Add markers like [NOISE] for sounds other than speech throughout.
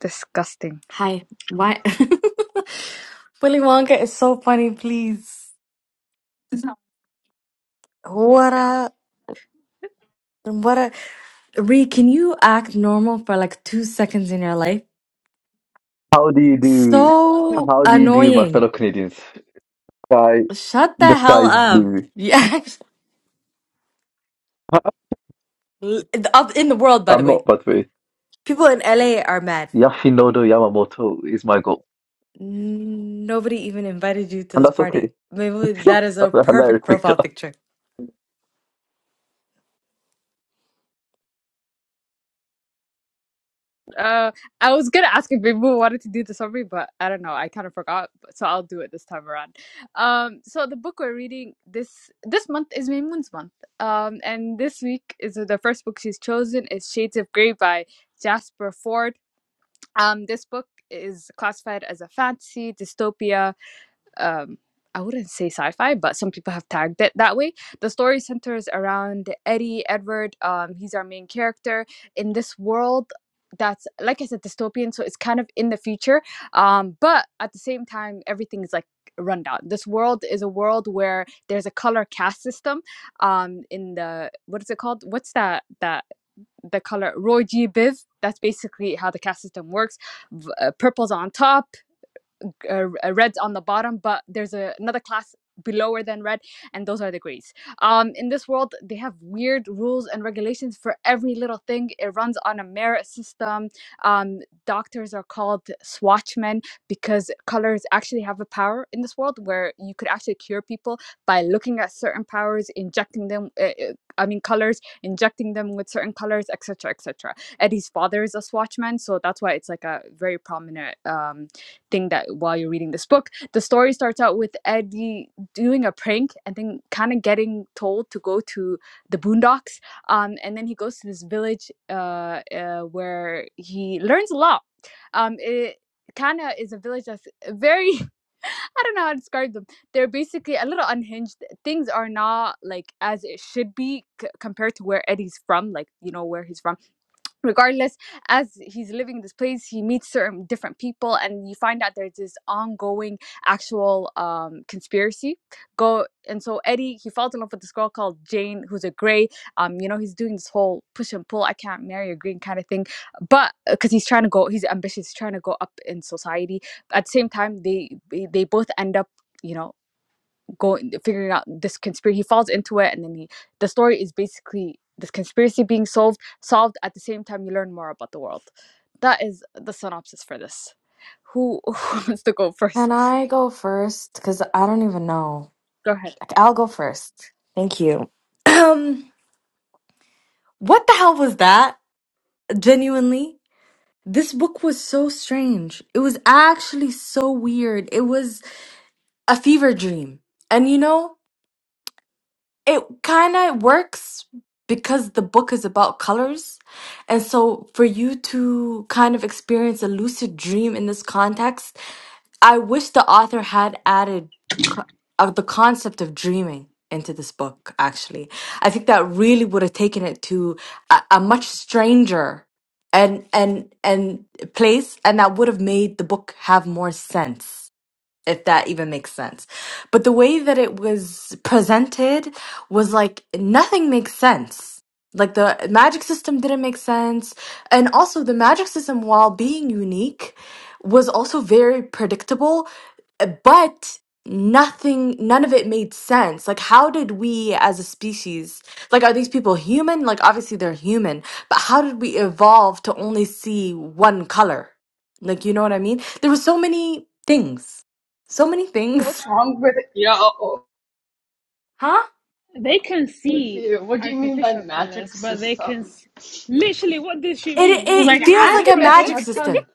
Disgusting. Hi. Why? [LAUGHS] Willy Wonka is so funny, please. What a, what a. Ree, can you act normal for like two seconds in your life? How do you do? So How do you do, my annoying. fellow Canadians? Sky, Shut the the sky hell is up. blue. Yeah. [LAUGHS] [LAUGHS] Up in the world, by the I'm way. not, by the way. People in LA are mad. Yoshinodo Yamamoto is my goal, Nobody even invited you to and this that's okay. party. [LAUGHS] Maybe that's that is a a hilarious perfect picture. profile picture. Uh, I was gonna ask if people wanted to do the summary, but I don't know. I kind of forgot, but- so I'll do it this time around. Um, so the book we're reading this this month is Maymun's month. Um, and this week is the first book she's chosen is Shades of Grey by Jasper Ford. Um, this book is classified as a fantasy dystopia um I wouldn't say sci-fi, but some people have tagged it that way. The story centers around Eddie Edward. Um, he's our main character in this world that's like I said, dystopian. So it's kind of in the future, um, but at the same time, everything is like rundown. This world is a world where there's a color caste system. Um, in the what is it called? What's that that the color Roy G Biv? That's basically how the caste system works. V- uh, purple's on top, uh, uh, red on the bottom, but there's a, another class belower than red, and those are the greys. Um, in this world, they have weird rules and regulations for every little thing. It runs on a merit system. Um, doctors are called swatchmen because colors actually have a power in this world where you could actually cure people by looking at certain powers, injecting them. Uh, uh, I mean, colors, injecting them with certain colors, etc., etc. Eddie's father is a swatchman, so that's why it's like a very prominent um, thing that while you're reading this book, the story starts out with Eddie doing a prank and then kind of getting told to go to the boondocks. Um, and then he goes to this village uh, uh, where he learns a lot. Um, it kind of is a village that's very [LAUGHS] I don't know how to describe them. They're basically a little unhinged. Things are not like as it should be c- compared to where Eddie's from, like, you know, where he's from regardless as he's living in this place he meets certain different people and you find out there's this ongoing actual um conspiracy go and so eddie he falls in love with this girl called jane who's a gray um you know he's doing this whole push and pull i can't marry a green kind of thing but because he's trying to go he's ambitious trying to go up in society at the same time they they they both end up you know going figuring out this conspiracy he falls into it and then he the story is basically this conspiracy being solved solved at the same time you learn more about the world that is the synopsis for this who, [LAUGHS] who wants to go first Can I go first? Because I don't even know. go ahead I'll go first. Thank you. [CLEARS THROAT] What the hell was that? Genuinely? This book was so strange. It was actually so weird. It was a fever dream. And you know, it kind of works because the book is about colors. And so for you to kind of experience a lucid dream in this context, I wish the author had added co- uh, the concept of dreaming into this book, actually. I think that really would have taken it to a, a much stranger and and and place and that would have made the book have more sense if that even makes sense. But the way that it was presented was like nothing makes sense. Like the magic system didn't make sense. And also, the magic system, while being unique, was also very predictable, uh, but nothing, none of it made sense. Like, how did we as a species, like, are these people human? Like, obviously they're human, but how did we evolve to only see one color? Like, you know what I mean? There were so many things. So many What's things. wrong with yo? Huh? They can With see you? What do you mean by artificial magic colors, but they can system? s literally. What did she It read? Did you did it Like you read feels a like a عادي different magic book? [LAUGHS] system. بتاتا.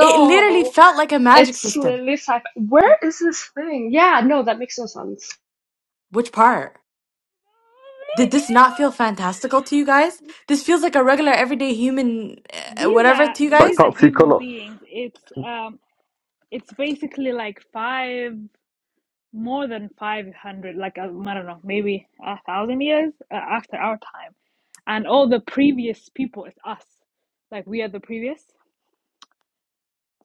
It literally felt like a magic it's system. literally sci Where is this thing? Yeah, no, that makes no sense. Which part? Did this not feel fantastical to you guys? This feels like a regular everyday human uh, These whatever are to you I these guys? are can't see human color. beings. It's um, it's basically like five more than five hundred, like uh, I don't know, maybe a thousand years uh, after our time, and all the previous people. It's us, like we are the previous.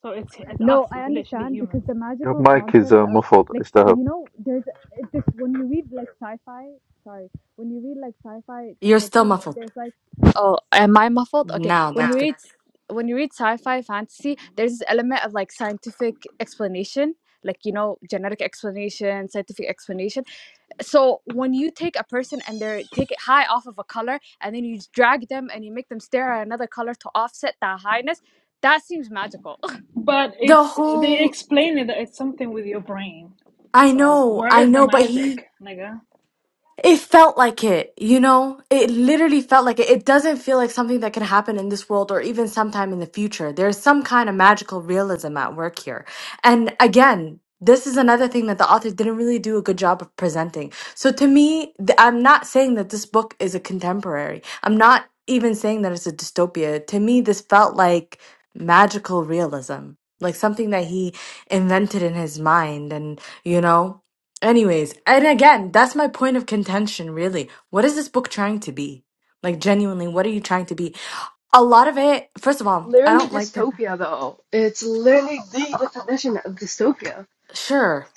So it's it's us. No, I It's literally understand because humans. the Your magical mic is concept uh, of muffled. like It's the hell. you know there's this when you read like sci-fi. Sorry, when you read like sci-fi You're still dystopian, muffled. there's like oh, am I muffled? Okay, Now when you No. that's good. read when you read sci-fi fantasy, there's this element of like scientific explanation, like you know genetic explanation, scientific explanation so when you take a person and they're take it high off of a color and then you drag them and you make them stare at another color to offset that highness that seems magical [LAUGHS] But The it's they whole explain it that it's something with your brain. I So know, where I is the know, but he magic, nigga? It felt like it, you know? It literally felt like it. It doesn't feel like something that can happen in this world or even sometime in the future. There's some kind of magical realism at work here. And again, this is another thing that the author didn't really do a good job of presenting. So to me, th- I'm not saying that this book is a contemporary. I'm not even saying that it's a dystopia. To me, this felt like magical realism, like something that he invented in his mind and, you know? Anyways, and again, that's my point of contention, really. What is this book trying to be? Like, genuinely, what are you trying to be? A lot of it, first of all, I Literally don't like the. dystopia though. It's literally the definition of dystopia. Sure,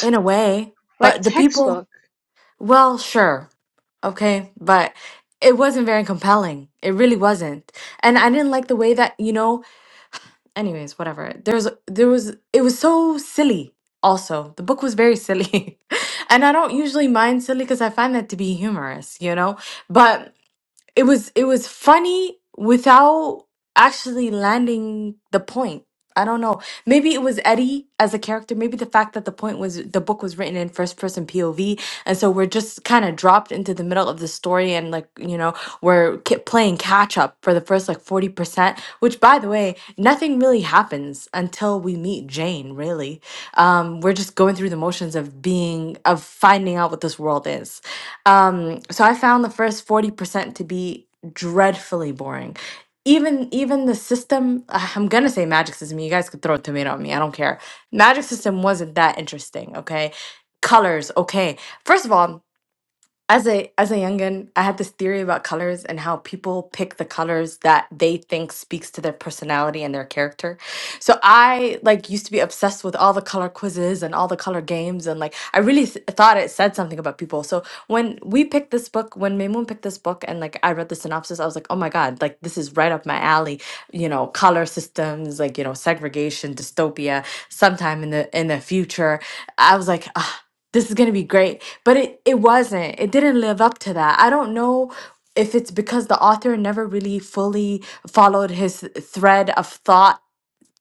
in a way, Like but the people, textbook. well, sure. Okay, but it wasn't very compelling. It really wasn't. And I didn't like the way that, you know, anyways, whatever. There's, there was, it was so silly also. The book was very silly. [LAUGHS] and I don't usually mind silly because I find that to be humorous, you know? But It was it was funny without actually landing the point. I don't know. Maybe it was Eddie as a character. Maybe the fact that the point was the book was written in first person POV, and so we're just kind of dropped into the middle of the story, and like you know, we're ki- playing catch up for the first like forty percent. Which, by the way, nothing really happens until we meet Jane. Really, um, we're just going through the motions of being of finding out what this world is um, so I found the first 40% to be dreadfully boring. Even even the system, [SIGHS] ah, I'm gonna say magic system. You guys could throw a tomato at me. I don't care. Magic system wasn't that interesting, okay? Colors, okay. First of all, as a as a youngin, I had this theory about colors and how people pick the colors that they think speaks to their personality and their character so I like used to be obsessed with all the color quizzes and all the color games and like I really th- thought it said something about people. So when we picked this book, when Maymoon picked this book and like I read the synopsis, I was like, "Oh my god, like this is right up my alley." You know, color systems, like, you know, segregation, dystopia sometime in the in the future. I was like, ah, this is going to be great. But it it wasn't. It didn't live up to that. I don't know if it's because the author never really fully followed his thread of thought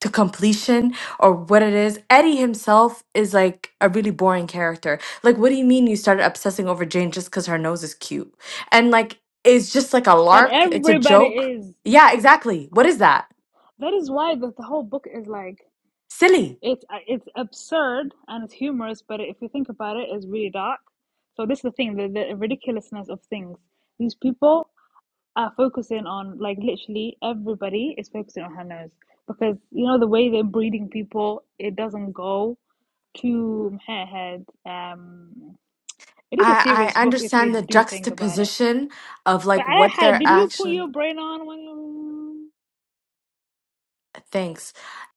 to completion or what it is. Eddie himself is like a really boring character. Like, what do you mean you started obsessing over Jane just because her nose is cute? And like, it's just like a But lark. It's a everybody joke. is. Yeah, exactly. What is that? That is why the, the whole book is like Silly. it's uh, it's absurd and it's humorous, but if you think about it, it's really dark. So this is the thing, the, the ridiculousness of things. These people are focusing on like literally everybody is focusing on her nose because you know the way they're breeding people, it doesn't go to her head. Um, It is a I serious I book if you understand the do think about it. juxtaposition of But like I what had, they're did you put actually. your brain on when you, Thanks.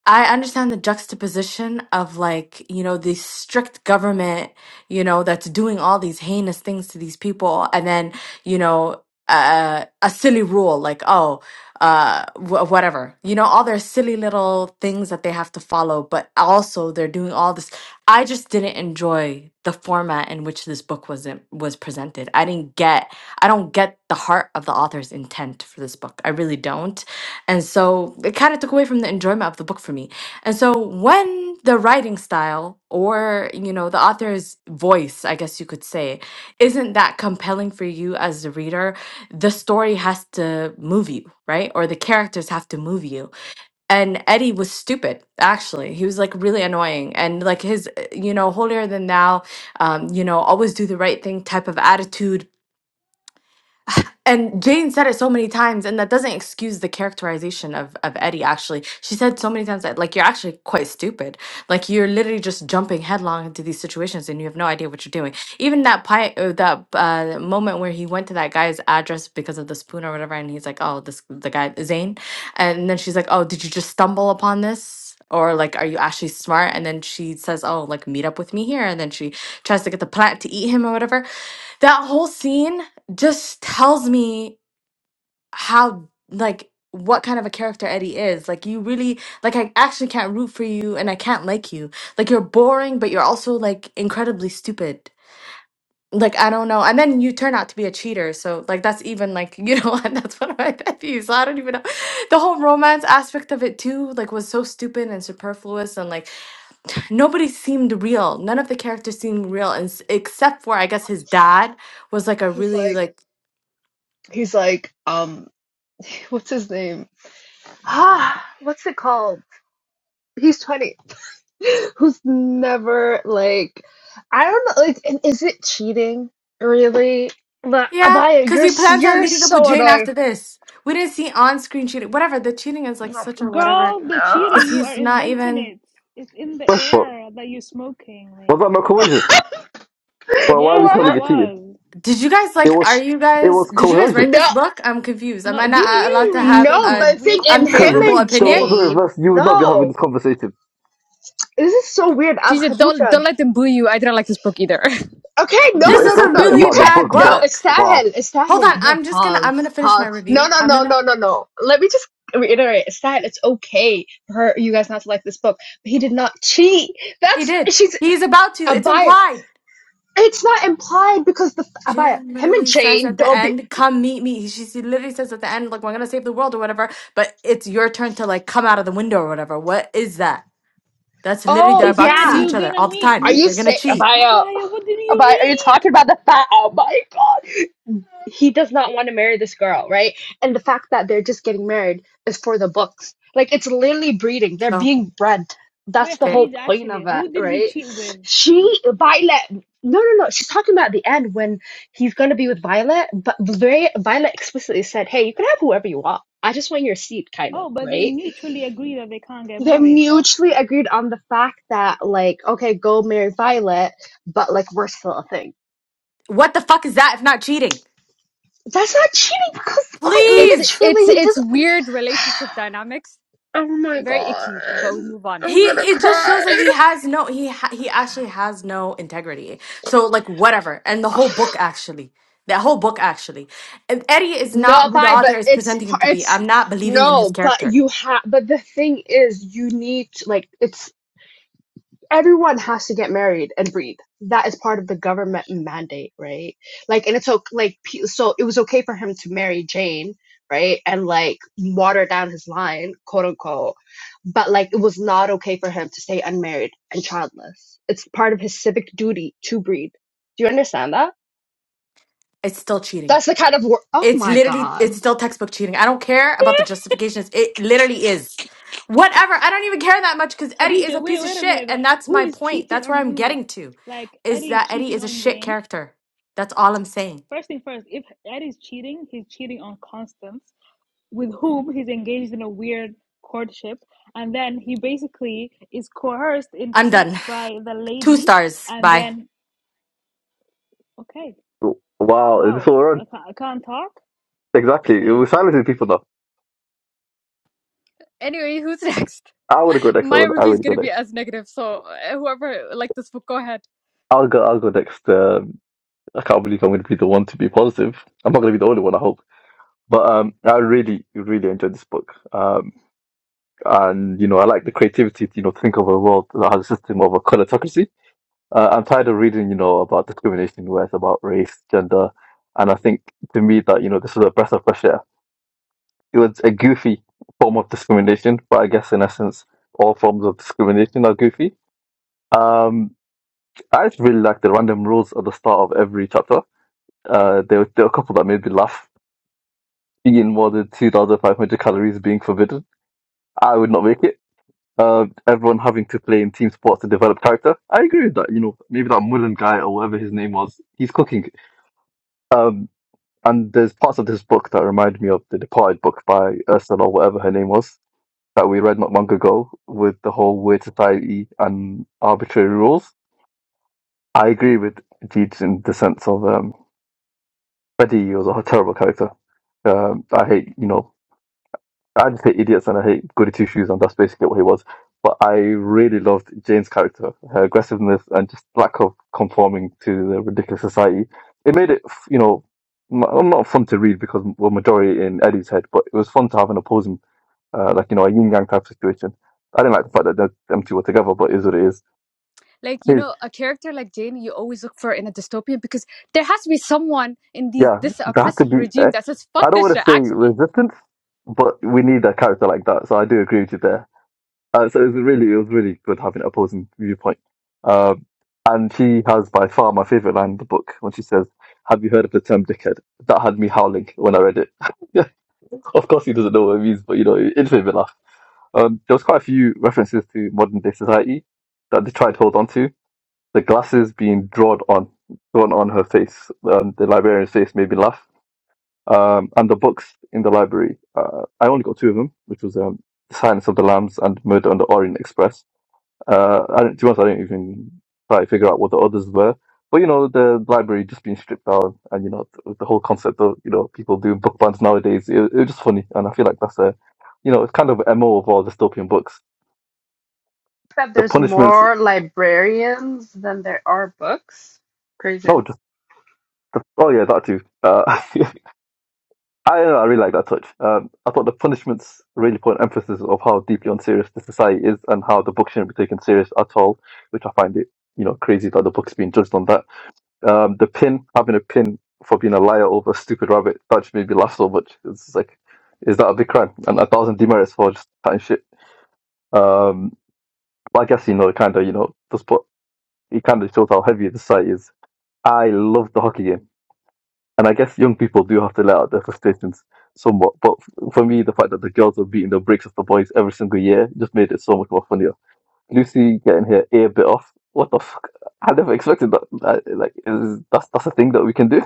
I understand the juxtaposition of like, you know, the strict government, you know, that's doing all these heinous things to these people. And then, you know, uh, a silly rule like, oh, uh, wh- whatever, you know, all their silly little things that they have to follow, but also they're doing all this. I just didn't enjoy the format in which this book was in, was presented. I didn't get, I don't get the heart of the author's intent for this book. I really don't and so it kind of took away from the enjoyment of the book for me. And so when the writing style or, you know, the author's voice, I guess you could say, isn't that compelling for you as the reader, the story has to move you, right? Or the characters have to move you. And Eddie was stupid, actually. He was like really annoying and like his, uh, you know, holier than thou, um, you know, always do the right thing type of attitude and Jane said it so many times, and that doesn't excuse the characterization of, of Eddie, actually. She said so many times that, like, you're actually quite stupid. Like, you're literally just jumping headlong into these situations and you have no idea what you're doing. Even that pie, uh, that uh, moment where he went to that guy's address because of the spoon or whatever, and he's like, oh, this, the guy, Zane. And then she's like, oh, did you just stumble upon this? Or, like, are you actually smart? And then she says, oh, like, meet up with me here. And then she tries to get the plant to eat him or whatever that whole scene just tells me how like what kind of a character Eddie is. Like you really like I actually can't root for you and I can't like you. Like you're boring but you're also like incredibly stupid. Like I don't know. And then you turn out to be a cheater. So like that's even like [LAUGHS] you know and that's one of my pet peeves. So I don't even know. The whole romance aspect of it too like was so stupid and superfluous and like nobody seemed real. None of the characters seemed real and s- except for I guess his dad was like a He's really like like he's like um [LAUGHS] what's his name? Ah, what's it called? He's 20. [LAUGHS] who's never like I don't know like and is it cheating really? But Yeah, Abaya, because you're he s- plans on you're meeting up with so Jane annoying. after this. We didn't see on-screen cheating. Whatever, the cheating is like No, such or whatever. girl, the no. cheetah, Because you are he's not inventing even. it. It's in the First part air that you're smoking, was that not maybe. coercion? Well, [LAUGHS] why are we Yes, it calling what? it cheating? was. Did you guys It like? was, Are you it guys? was Did you guys coercion. write No, this book? I'm confused. Am No, I not did uh, allowed you to read have the no. But a book? I We are think in confused at him Because unfavorable and if you. the opinion? roles were Jane. reversed, you would not be having this No, conversation. this is so weird. she I'm said don't Khadija. don't let them boo you i didn't like this book either [LAUGHS] Okay, no, This no, is It's no, a no. okay You really about the can't. bad book, No, but book. wow, استاهل Hold استاهل. on, No, I'm just gonna. I'm gonna pause, finish my pause. No, review. no, I'm no, gonna. no, no, no. Let me just reiterate. Estahel, it's okay for her, you guys not to like this book, but he did not cheat. He That's did. she's He's about to. a It's buyer. implied. It's not implied because the Abaya, Jane him and literally says Jane at the don't be. end, "Come meet me." She, she literally says at the end, "Like we're gonna save the world or whatever," but it's your turn to like come out of the window or whatever. What is that? That's literally Oh they're She about to said see yeah. each you're other all gonna the meet time. Are you They're you. gonna saying cheat. Abaya? Abaya, what did you Abaya, are you read? talking about the fact? Oh my god. he does not want to marry this girl, right? And the fact that they're just getting married is for the books. Like it's literally breeding. They're So being bred. That's Wait, the they, whole Khadija, point actually, of it, who did he right? cheat with? She Violet no no no. She's talking about the end when he's gonna be with Violet, but very Violet explicitly said, Hey, you can have whoever you want. I just want your seat kind of, Oh, but they right? mutually agree that they can't get They married, though. mutually agreed on the fact that like, okay, go marry Violet, but like we're still a thing. what the fuck is that if not cheating? That's not cheating because quite it's Please. literally it's he does it's weird relationship dynamics. Oh my Very god. icky, but we move on. he I'm gonna it just cry. shows that he has no he ha- he actually has no integrity so like whatever and the [SIGHS] whole book actually that whole book actually and eddie is No, not who the bye, but author is it's presenting him par- to be it's i'm not believing in his no, but character you have but the thing is you need to, like it's everyone has to get married and breed. That is part of the government mandate, right? Like and it's okay, like pe- so it was okay for him to marry Jane, right? And like water down his line, quote unquote. But like it was not okay for him to stay unmarried and childless. It's part of his civic duty to breed. Do you understand that? it's still cheating That's the kind of word. Oh It's my literally, god. it's still textbook cheating. I don't care They about the justifications. It literally is. Whatever. I don't even care that much because Eddie is a Khadija, wait, piece of wait a shit. minute And though. that's Who my is point. cheating That's where on I'm who? getting to Like is Eddie is that Eddie cheating is a on shit Jane. character. That's all I'm saying. First thing first, if Eddie's cheating, he's cheating on Constance, with whom he's engaged in a weird courtship, and then he basically is coerced into I'm done. sex by the Two lady, stars. and Bye. then okay, wow, is this wow, all wrong? I can't, I can't talk. Exactly. We're Crazy. silencing people now. Anyway, who's [LAUGHS] next? I would go next. I My would. I review is would go gonna be next. as negative, so uh, whoever liked this book, go ahead. I'll go. I'll go next. Um, I can't believe I'm going to be the one to be positive. I'm not going to be the only one. I hope. But um, I really, really enjoyed this book. Um, and you know, I like the creativity. To, you know, think of a world that has a system of a colorocracy. Uh, I'm tired of reading, you know, about discrimination, where it's about race, gender, and I think to me that you know this was a breath of fresh air. It was a goofy form of discrimination, but I guess in essence, all forms of discrimination are goofy. Um, I just really like the random rules at the start of every chapter. Uh, there were, there were a couple that made me laugh. Eating more than 2,500 calories being forbidden. I would not make it. Uh, everyone having to play in team sports to develop character. I agree with that. You know, maybe that Mullen guy or whatever his name was, he's cooking. Um, and there's parts of this book that remind me of the Departed book by Ursula, or whatever her name was, that we read not long ago with the whole weird society and arbitrary rules. I agree with Deeds in the sense of um, Freddie was a terrible character. Um, I hate, you know, I just hate idiots and I hate goody two shoes, and that's basically what he was. But I really loved Jane's character, her aggressiveness and just lack of conforming to the ridiculous society. It made it, f- you know, m- well, not fun to read because we're majority in Eddie's head, but it was fun to have an opposing, uh, like, you know, a yin yang type situation. I didn't like the fact that the- them two were together, but it is what it is. Like you His know, a character like Jane, you always look for in a dystopian because there has to be someone in these Yeah, this there has to oppressive be. eh, regime that says I "fuck don't this want to shit." say Actually, resistance, but we need a character like that. So I do agree with you there. Uh, so it was really, it was really good having an opposing viewpoint. Um, and she has by far my favorite line in the book when she says, "Have you heard of the term dickhead?" That had me howling when I read it. [LAUGHS] yeah, of course he doesn't know what it means, but you know, it, it made me laugh. Um, there was quite a few references to modern day society that they tried to hold on to. The glasses being drawn on, drawn on her face, um, the librarian's face made me laugh um, and the books in the library. Uh, I only got two of them, which was um, The Silence of the Lambs and Murder on the Orient Express. Uh, I didn't, to be honest, I didn't even try to figure out what the others were. But you know, the library just being stripped down, and you know, th- the whole concept of you know people doing book bans nowadays, it, it was just funny, and I feel like that's a, you know, it's kind of a mo of all dystopian books. The punishments, no, just oh yeah, that too. Uh, [LAUGHS] I, I really like that touch. Um, I thought the punishments really put an emphasis of how deeply unserious the society is and how the book shouldn't be taken serious at all, which I find it, you know, crazy that the book's being judged on that. Um, the pin, having a pin for being a liar over a stupid rabbit, that just made me laugh so much. It's just like, is that a big crime? And a thousand demerits for just chatting shit. Um, but I guess, you know, it kind of, you know, just put, it kind of shows how heavy the society is. I love the hockey game. And I guess young people do have to let out their frustrations somewhat. But f- for me, the fact that the girls were beating the brakes off the boys every single year just made it so much more funnier. Lucy getting her ear bit off. What the fuck? I never expected that. Like, like, is, that's that's a thing that we can do.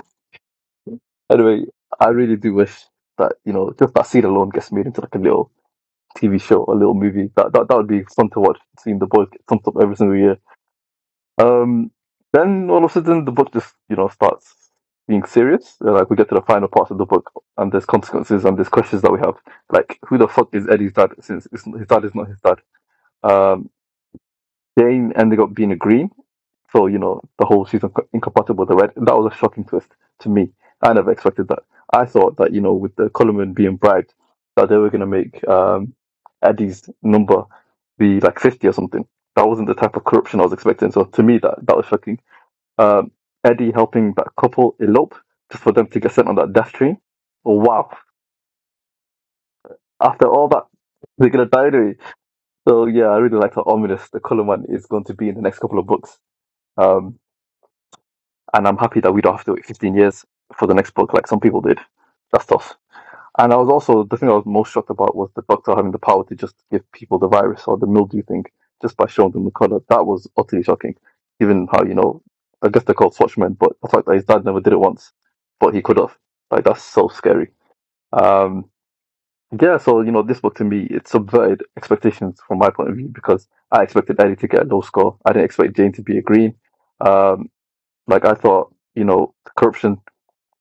Anyway, I really do wish that you know just that scene alone gets made into like a little TV show, a little movie. That that, that would be fun to watch. Seeing the boys get thumped up every single year. Um, then all of a sudden the book just you know starts being serious. Uh, Like we get to the final parts of the book, and there's consequences and there's questions that we have. Like who the fuck is Eddie's dad? Since it's, his dad is not his dad. Um, Jane ended up being a green, so you know the whole she's inco- incompatible with the red. That was a shocking twist to me. I never expected that. I thought that you know with the Coleman being bribed, that they were gonna make um, Eddie's number be like fifty or something. That wasn't the type of corruption I was expecting. So to me, that that was shocking um, Eddie helping that couple elope just for them to get sent on that death tree. Wow. After all that, they're going to die anyway. So, yeah, I really like how ominous the Cullen one is going to be in the next couple of books. Um, and I'm happy that we don't have to wait 15 years for the next book like some people did. That's tough. And I was also the thing I was most shocked about was the doctor having the power to just give people the virus or the mildew thing just by showing them the color. That was utterly shocking, given how you know I guess they're called Swatchmen, but the fact that his dad never did it once, but he could have. Like that's so scary. Um, yeah, so you know this book to me it subverted expectations from my point of view because I expected Eddie to get a low score. I didn't expect Jane to be a green. Um, like I thought, you know, corruption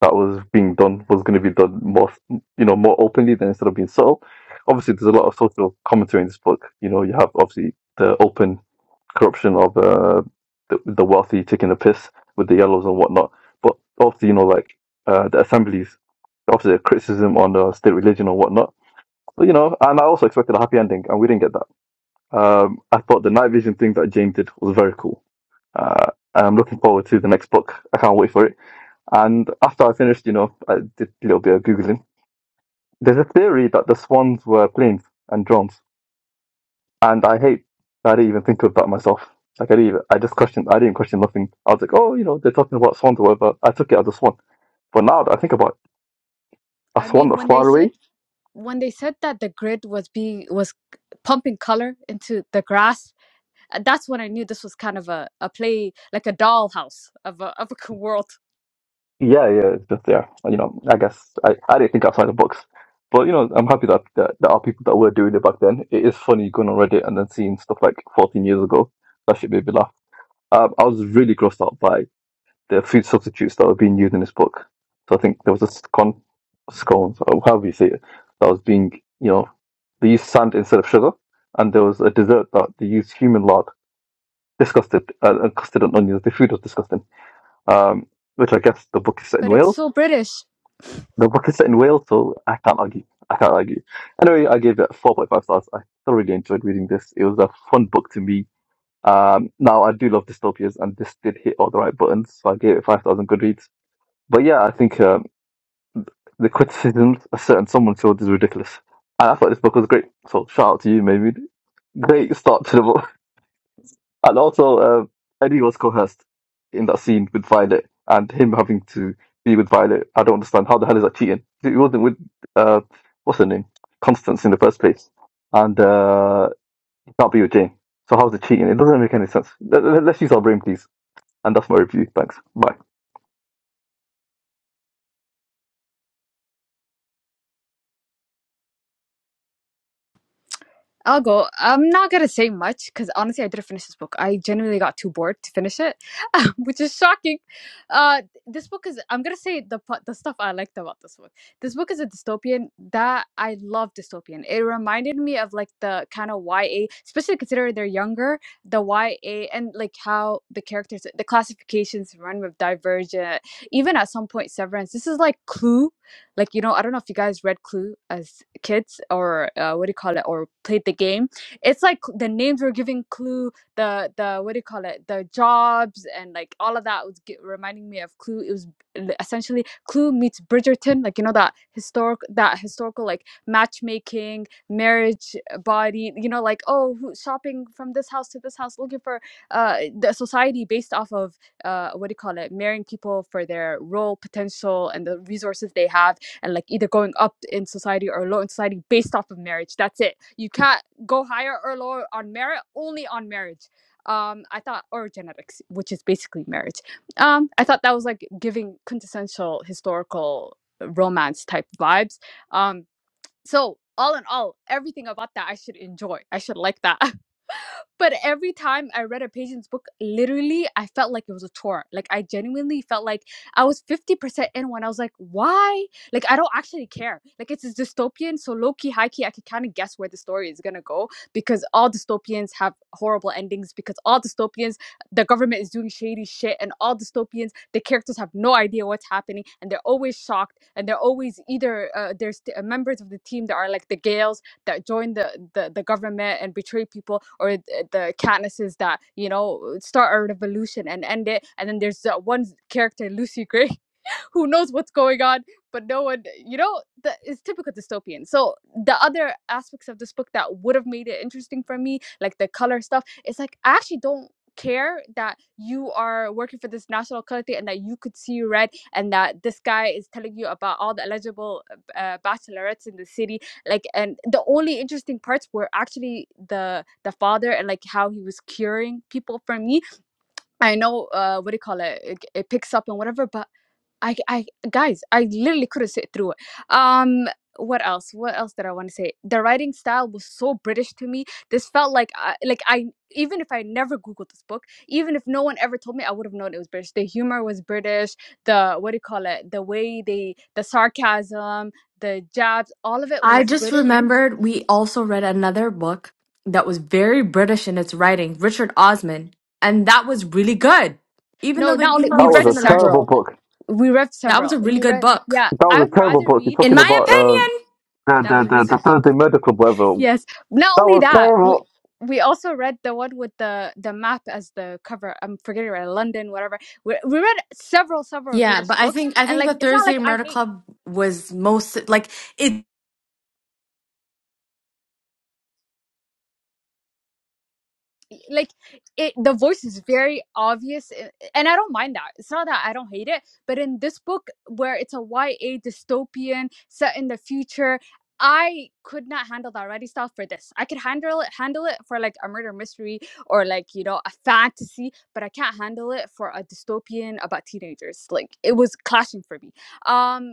that was being done was going to be done more, you know, more openly than instead of being subtle. Obviously, there's a lot of social commentary in this book. You know, you have obviously the open corruption of uh, the, the wealthy taking the piss with the yellows and whatnot. But obviously, you know, like uh, the assemblies, obviously, a criticism on uh, state religion or whatnot. But, you know, and I also expected a happy ending, and we didn't get that. Um, I thought the night vision thing that James did was very cool. Uh, I'm looking forward to the next book. I can't wait for it. And after I finished, you know, I did a little bit of Googling. There's a theory that the swans were planes and drones. And I hate, that I didn't even think of that myself. Like, I didn't even, I just questioned, I didn't question nothing. I was like, oh, you know, they're talking about swans or whatever. I took it as a swan. But now that I think about it, a I swan mean, that's when they far away, said when they said that the grid was being was pumping color into the grass, uh, that's when I knew this was kind of a, a play like a dollhouse of a of a [LAUGHS] world yeah, yeah, it's just there. You know, I guess I, I didn't think outside the box. But, you know, I'm happy that, that there are people that were doing it back then. It is funny going on Reddit and then seeing stuff like 14 years ago. That shit made me laugh. Um, I was really grossed out by the food substitutes that were being used in this book. So I think there was a scone, scones, or however you say it, that was being, you know, they used sand instead of sugar, and there was a dessert that they used human lard, disgusted, uh, and custard and onions. The food was disgusting. Um, which I guess the book is set in But it's Wales. so British. The book is set in Wales, so I can't argue. I can't argue. Anyway, I gave it 4.5 stars. I thoroughly enjoyed reading this. It was a fun book to me. Um, now I do love dystopias, and this did hit all the right buttons, so I gave it 5,000 Goodreads. But yeah, I think um, the criticisms a certain someone showed is ridiculous. And I thought this book was great. So shout out to you, maybe. Great start to the book. [LAUGHS] And also, um, Eddie was coerced in that scene with Violet and him having to be with Violet. I don't understand. How the hell is that cheating? He wasn't with, uh, what's her name? Constance in the first place. And uh, he can't be with Jane. So how's it cheating? It doesn't make any sense. Let, let- let's use our brain, please. And that's my review. Thanks. Bye. I'll go. I'm not gonna say much because honestly, I didn't finish this book. I genuinely got too bored to finish it, [LAUGHS] which is shocking. Uh, this book is. I'm gonna say the pa- the stuff I liked about this book. This book is a dystopian that I love. Dystopian. It reminded me of like the kind of YA, especially considering they're younger. The YA and like how the characters, the classifications run with Divergent, even at some point Severance. This is like Clue like you know i don't know if you guys read clue as kids or uh, what do you call it or played the game it's like the names were giving clue the the what do you call it the jobs and like all of that was g reminding me of clue it was l- essentially clue meets bridgerton like you know that historic that historical like matchmaking marriage uh, body you know like oh who, shopping from this house to this house looking for uh the society based off of uh what do you call it marrying people for their role potential and the resources they have and like either going up in society or low in society based off of marriage. That's it. You can't go higher or lower on merit, only on marriage. Um, I thought, or genetics, which is basically marriage. Um, I thought that was like giving quintessential historical romance type vibes. Um, so all in all, everything about that I should enjoy. I should like that. [LAUGHS] But every time I read a Patience book, literally, I felt like it was a chore. Like I genuinely felt like I was fifty percent in when I was like, "Why?" Like I don't actually care. Like it's a dystopian, so low key, high key, I can kind of guess where the story is gonna go because all dystopians have horrible endings. Because all dystopians, the government is doing shady shit, and all dystopians, the characters have no idea what's happening, and they're always shocked, and they're always either uh, there's t- uh, members of the team that are like the Gales that join the, the, the government and betray people, or th- the Katnisses that you know start a revolution and end it. And then there's that one character, Lucy Gray, who knows what's going on but no one you know that is typical dystopian so the other aspects of this book that would have made it interesting for me like the color stuff it's like i actually don't care that you are working for this national color thing and that you could see red and that this guy is telling you about all the eligible uh, bachelorettes in the city like and the only interesting parts were actually the the father and like how he was curing people for me i know uh what do you call it it, it picks up and whatever but I, I, guys, I literally couldn't sit through it. Um, what else? What else did I want to say? The writing style was so British to me. This felt like, I, like I, even if I never googled this book, even if no one ever told me, I would have known it was British. The humor was British. The what do you call it? The way they, the sarcasm, the jabs, all of it I was just British. remembered we also read another book that was very British in its writing, Richard Osman. And that was really good. Even No, though the not only humor we That was was read a similar, terrible several. book. We read that was several. a really We good read. book. Yeah, That I was a would terrible rather book. You're read. In talking my about uh. opinion, the that Hi was the a the, really guys. the good book. Thursday medical weather. Yes. Not That only was that, we terrible. we also read the one with the the map as the cover. I'm forgetting right, London, whatever. We we read several several Yeah, British but I books, think I and think like the it's not Thursday like I Murder hate Club was most like it. like it the voice is very obvious a- and i don't mind that it's not that i don't hate it but in this book where it's a ya dystopian set in the future i could not handle that writing style for this i could handle it handle it for like a murder mystery or like you know a fantasy but i can't handle it for a dystopian about teenagers like it was clashing for me um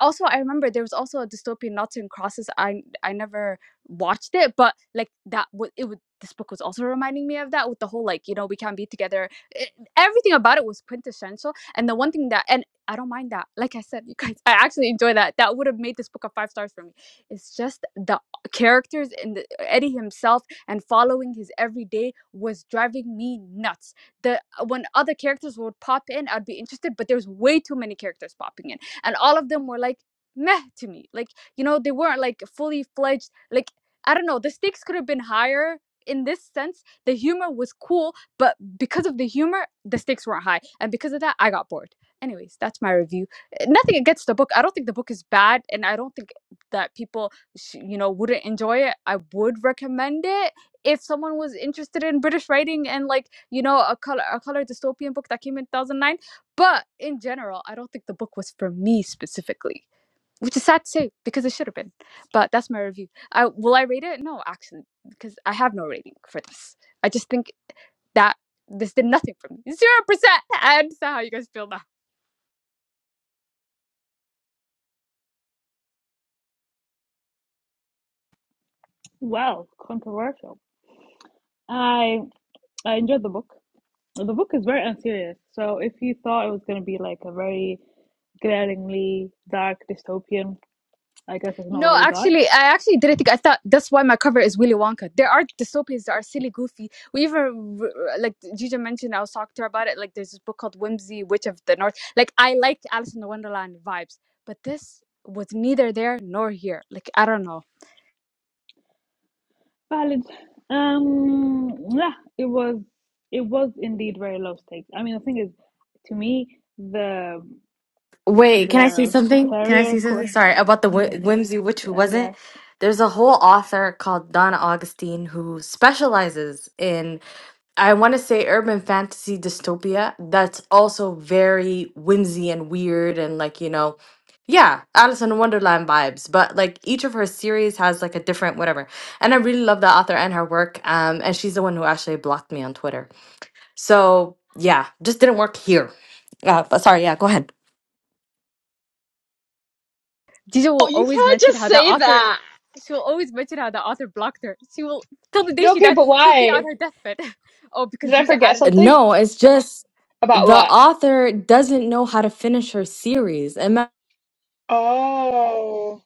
also I remember there was also a dystopian Noughts and Crosses. I I never watched it, but like that would it would this book was also reminding me of that with the whole like you know we can't be together. It, everything about it was quintessential, and the one thing that and I don't mind that. Like I said, you guys, [LAUGHS] I actually enjoy that. That would have made this book a five stars for me. It's just the characters and the, Eddie himself and following his everyday was driving me nuts. The when other characters would pop in, I'd be interested, but there's way too many characters popping in and all of them were like meh to me like you know they weren't like fully fledged like i don't know the stakes could have been higher in this sense the humor was cool but because of the humor the stakes weren't high and because of that i got bored anyways that's my review Uh, nothing against the book i don't think the book is bad and i don't think that people sh- you know wouldn't enjoy it i would recommend it if someone was interested in british writing and like you know a color a color dystopian book that came in 2009 but in general, I don't think the book was for me specifically, which is sad to say because it should have been. But that's my review. I will I rate it? No, actually, because I have no rating for this. I just think that this did nothing for me. Zero percent. I understand how you guys feel now. Well, controversial. I I enjoyed the book. The book is very unserious. So if you thought it was going to be like a very glaringly dark dystopian, I guess that's not No, what we got. actually, I actually didn't think. I thought that's why my cover is Willy Wonka. There are dystopias that are silly, goofy. We even r- like Gija mentioned. I was talking to her about it. Like, there's this book called Whimsy Witch of the North. Like, I like Alice in the Wonderland vibes, but this was neither there nor here. Like, I don't know. Valid. Um, yeah, it was it was indeed very low stakes. I mean, the thing is, to me, the Wait, can I say the something? Can I say scarier something? could Sorry about the yes, whi- whimsy, which I wasn't. guess. There's a whole author called Donna Augustine who specializes in I want to say urban fantasy dystopia that's also very whimsy and weird and like you know, yeah, Alice in Wonderland vibes. But like each of her series has like a different whatever, and I really love the author and her work. Um, and she's the one who actually blocked me on Twitter. So yeah, just didn't work here. Uh, but sorry, yeah, go ahead. Gija Oh, will you always can't mention just how that say author. that. She will always mention how the author blocked her. She will till the day No, she okay, dies. but She'll be on why? her deathbed. [LAUGHS] oh, Did because I Gija forget added her, something? No, it's just About the what? author doesn't know how to finish her series. Ima- Oh.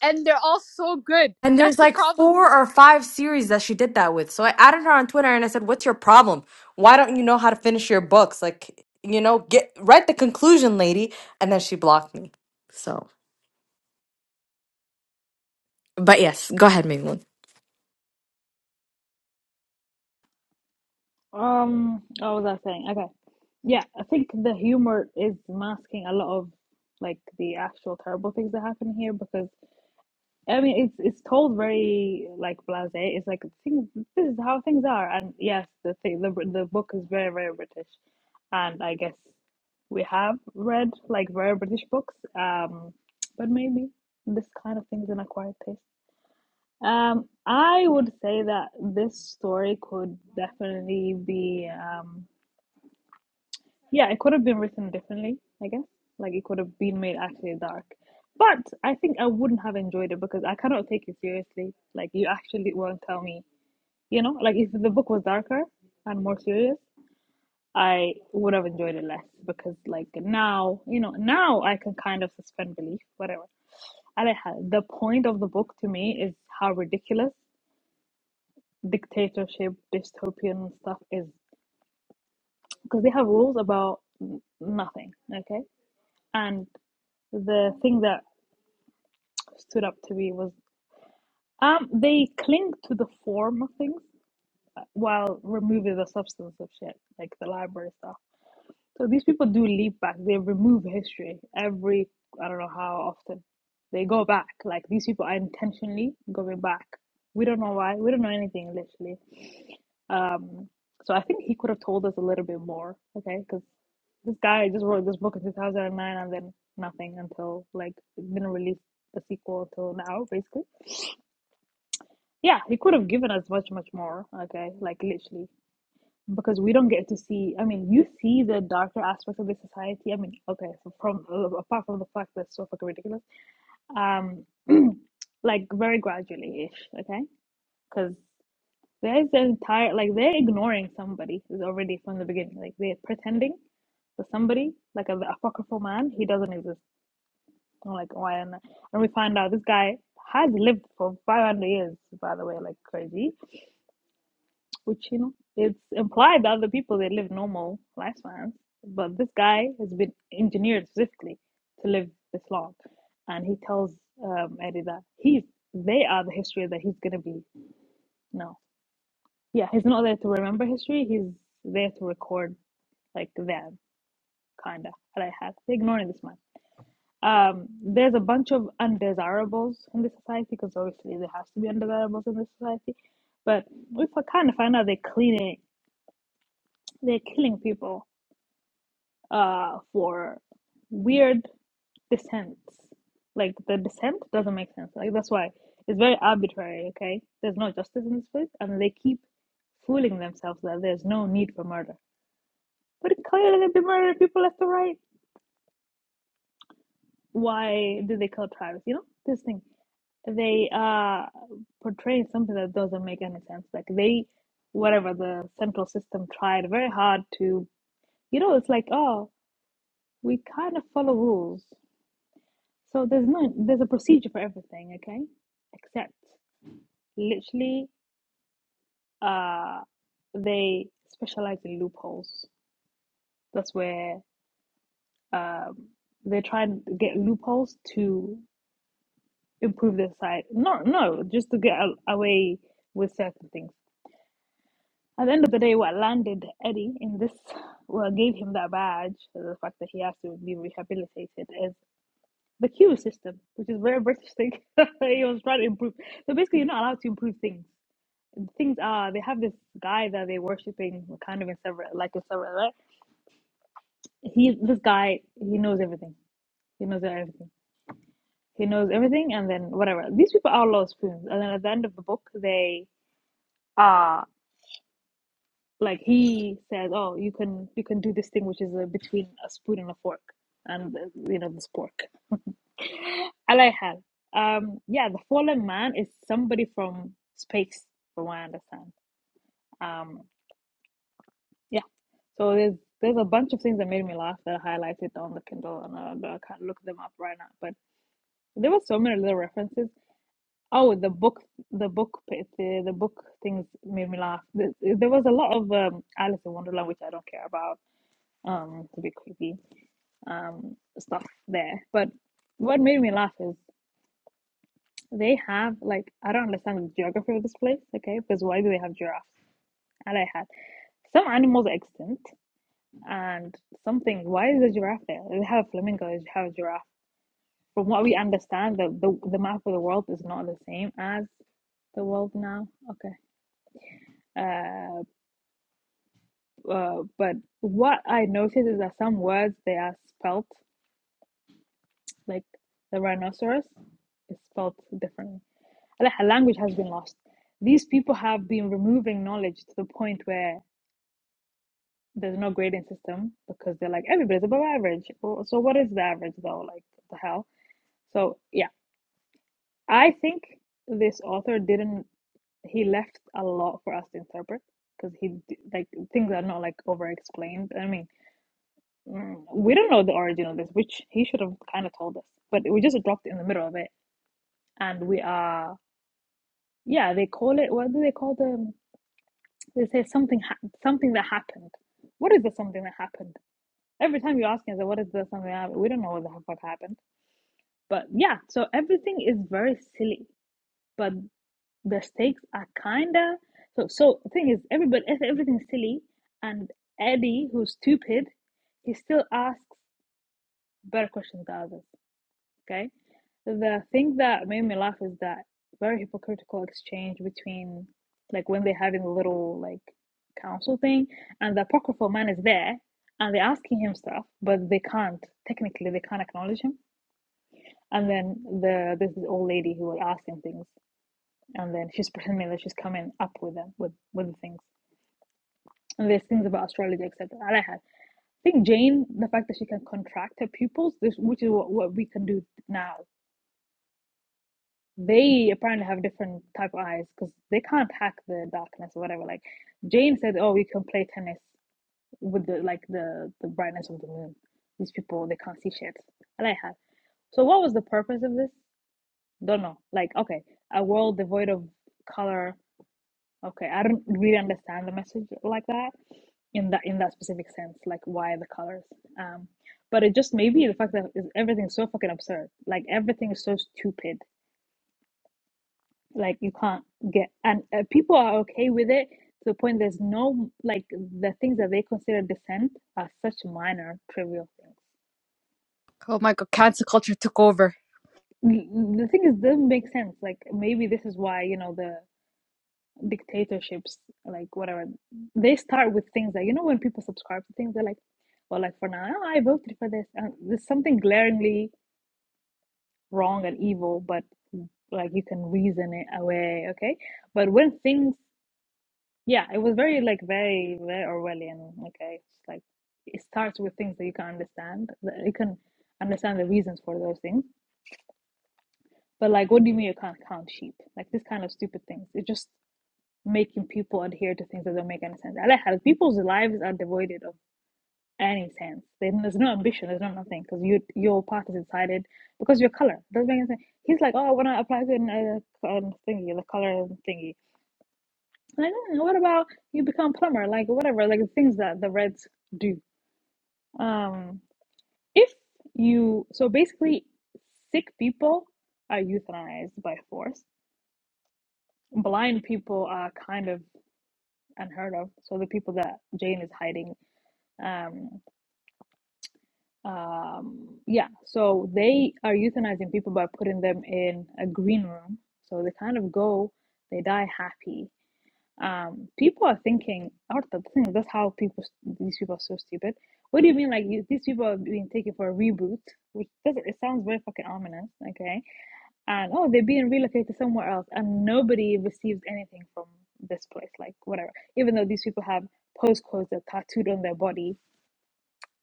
and they're all so good. And That's there's the like problem. four or five series that she did that with. So I added her on Twitter and I said, "What's your problem? Why don't you know how to finish your books? Like, you know, get write the conclusion, lady." And then she blocked me. So, but yes, go ahead, Maylin. Um, what was I saying? Okay, yeah, I think the humor is masking a lot of like the actual terrible things that happen here because. I mean, it's it's told very like blasé. It's like things. This is how things are, and yes, the thing, the the book is very very British, and I guess we have read like very British books. Um, but maybe this kind of thing's an acquired taste. Um, I would say that this story could definitely be. um. Yeah, it could have been written differently, I guess. Like it could have been made actually dark. But I think I wouldn't have enjoyed it because I cannot take it seriously. Like you actually won't tell me, you know, like if the book was darker and more serious, I would have enjoyed it less because like now, you know, now I can kind of suspend belief, whatever. And I had the point of the book to me is how ridiculous dictatorship, dystopian stuff is because they have rules about n- nothing, okay? And the thing that stood up to me was um they cling to the form of things while removing the substance of shit, like the library stuff. So these people do leap back. They remove history every I don't know how often. They go back. Like these people are intentionally going back. We don't know why. We don't know anything literally. Um, so I think he could have told us a little bit more, okay? Because this guy just wrote this book in 2009 and nine, and then nothing until like it didn't release the sequel until now, basically. Yeah, he could have given us much, much more, okay? Like literally, because we don't get to see. I mean, you see the darker aspects of the society. I mean, okay, so from uh, apart from the fact that it's so fucking ridiculous, um, [CLEARS THROAT] like very gradually ish, okay? Cause There's the entire like they're ignoring somebody is already from the beginning. Like they're pretending that somebody like a, the apocryphal man he doesn't exist. I'm like why? And, and we find out this guy has lived for 500 years, by the way, like crazy. Which you know it's implied that other people they live normal lifespans, but this guy has been engineered specifically to live this long, and he tells um, Eddie that he's they are the history that he's gonna be now. yeah, he's not there to remember history. He's there to record like them, kinda. I have ignoring this man. Um, there's a bunch of undesirables in this society because obviously there has to be undesirables in this society. But we fi- kind of find out they're cleaning, they're killing people uh, for weird descents. Like the descent doesn't make sense. Like that's why it's very arbitrary. Okay, there's no justice in this place, and they keep fooling themselves that there's no need for murder But clearly, they've been murdering people left and right. Why do they kill tribes? You know, this thing. They uh portray something that doesn't make any sense. Like they, whatever the central system tried very hard to, you know, it's like oh, we kind of follow rules. So there's no, there's a procedure for everything, okay? Except literally, uh, they specialize in loopholes. That's where um they try and get loopholes to improve their side. No, no, just to get a- away with certain things. At the end of the day, what landed Eddie in this, well, gave him that badge, the fact that he has to be rehabilitated, is the queue system, which is very British thing. [LAUGHS] he was trying to improve. So basically, you're not allowed to improve things. Things are they have this guy that they're worshiping, kind of in several, like in several, right? He, this guy, he knows everything. He knows everything. He knows everything, and then whatever. These people are lost spoons, and then at the end of the book, they are. like he says oh you can you can do this thing which is uh, between a spoon and a fork and uh, you know this pork i hal um yeah the fallen man is somebody from space from what i understand um yeah so there's there's a bunch of things that made me laugh that i highlighted on the kindle and uh, but i can't look them up right now but there were so many little references oh the book the book the, the book things made me laugh there, there was a lot of um alice in wonderland which i don't care about um to be creepy um, stuff there. But what made me laugh is they have like I don't understand the geography of this place, okay? Because why do they have giraffes? And I had some animals are extinct and something. Why is a giraffe there? They have a flamingo. They have a giraffe. From what we understand, the, the the map of the world is not the same as the world now. Okay. Uh, uh, but what I noticed is that some words they are spelt like the rhinoceros is spelt differently like her language has been lost. These people have been removing knowledge to the point where there's no grading system because they're like everybody's above average. Well, So what is the average though? Like the hell. So yeah, I think this author didn't. He left a lot for us to interpret because he like things are not like over explained. I mean, mm, we don't know the origin of this, which he should have kind of told us, but we just dropped it in the middle of it, and we are yeah. They call it what do they call the They say something ha- something that happened. What is the something that happened? Every time you ask me, I say, what is the something that happened? We don't know what the fuck happened. But yeah, so everything is very silly, but the stakes are kinda so. So the thing is, everybody everything's silly, and Eddie, who's stupid, he still asks better questions than others. Okay. The thing that made me laugh is that very hypocritical exchange between like when they're having a little like council thing and the apocryphal man is there and they're asking him stuff, but they can't technically they can't acknowledge him. And then the this old lady who will ask him things and then she's pretending that she's coming up with them with with the things. And there's things about astrology, etc. I had. I think Jane, the fact that she can contract her pupils, this which is what, what we can do now they apparently have different type of eyes because they can't hack the darkness or whatever. Like Jane said, oh, we can play tennis with the like the the brightness of the moon. These people they can't see shit. And I like that. So what was the purpose of this? Don't know. Like okay, a world devoid of color. Okay, I don't really understand the message like that in that in that specific sense. Like why the colors? Um, but it just maybe the fact that everything's so fucking absurd. Like everything is so stupid like you can't get and uh, people are okay with it to the point there's no like the things that they consider dissent are such minor trivial things Oh my god, cancer culture took over. N- the thing is doesn't make sense like maybe this is why you know the dictatorships like whatever they start with things that you know when people subscribe to things they're like well like for now i voted for this and there's something glaringly wrong and evil but like you can reason it away okay but when things Yeah, it was very like very very Orwellian. Like I it's like it starts with things that you can understand. that You can understand the reasons for those things. But like, what do you mean you can't count sheep? Like this kind of stupid things. It's just making people adhere to things that don't make any sense. I like how people's lives are devoid of any sense. They, there's no ambition. There's no nothing because you your part is decided because your color doesn't make any sense. He's like, oh, when I want to apply to an, uh, um, thingy, the color thingy. Like, "Mm, what about you become plumber? Like, whatever, like the things that the Reds do. Um, if you, so basically, sick people are euthanized by force. Blind people are kind of unheard of. So the people that Jane is hiding, um, um, yeah, so they are euthanizing people by putting them in a green room. So they kind of go, they die happy Um, people are thinking. I the thing. That's how people. These people are so stupid. What do you mean? Like you, these people are being taken for a reboot, which doesn't. It sounds very fucking ominous. Okay, and oh, they're being relocated somewhere else, and nobody receives anything from this place. Like whatever. Even though these people have postcodes that are tattooed on their body,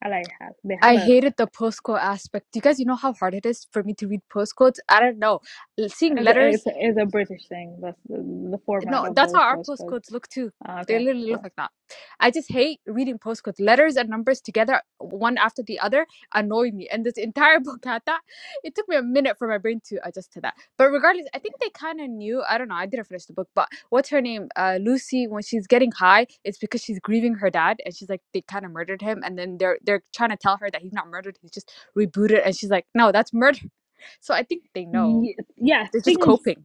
I like have. They have I a. hated the postcode aspect. Do you guys you know how hard it is for me to read postcodes? I don't know. Seeing As a, letters it's a, it's a British thing. That's the, the format no, of that's how those our postcodes. postcodes look too. Ah, They Okay, literally look cool. like that. I just hate reading postcodes. Letters and numbers together, one after the other, annoy me. And this entire [LAUGHS] book had that. It took me a minute for my brain to adjust to that. But regardless, I think they kind of knew. I don't know. I didn't finish the book, but what's her name? Uh, Lucy. When she's getting high, it's because she's grieving her dad, and she's like, they kind of murdered him, and then they're they're trying to tell her that he's not murdered. He's just rebooted, and she's like, no, that's murder. [LAUGHS] So I think they know. Ye- Yeah, They're just things. coping.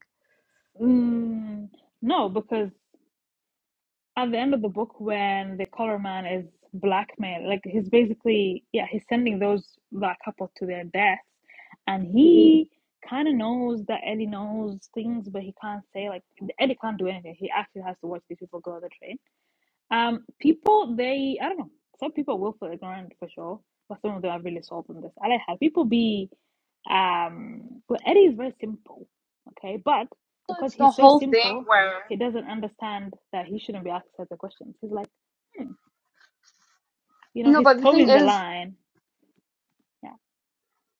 Mm, no, because at the end of the book when the color man is blackmail like he's basically yeah he's sending those black couple to their deaths and he kind of knows that eddie knows things but he can't say like eddie can't do anything he actually has to watch these people go on the train um, people, they, I don't know, some people will feel ignorant for sure, but some of them are really sold on this. I like how people be, um, well, Eddie is very simple, okay? But So because It's the he's so whole thing simple, where. he doesn't understand that he shouldn't be asked such a questions. He's like, you know, No, he's but towing the because line. Yeah.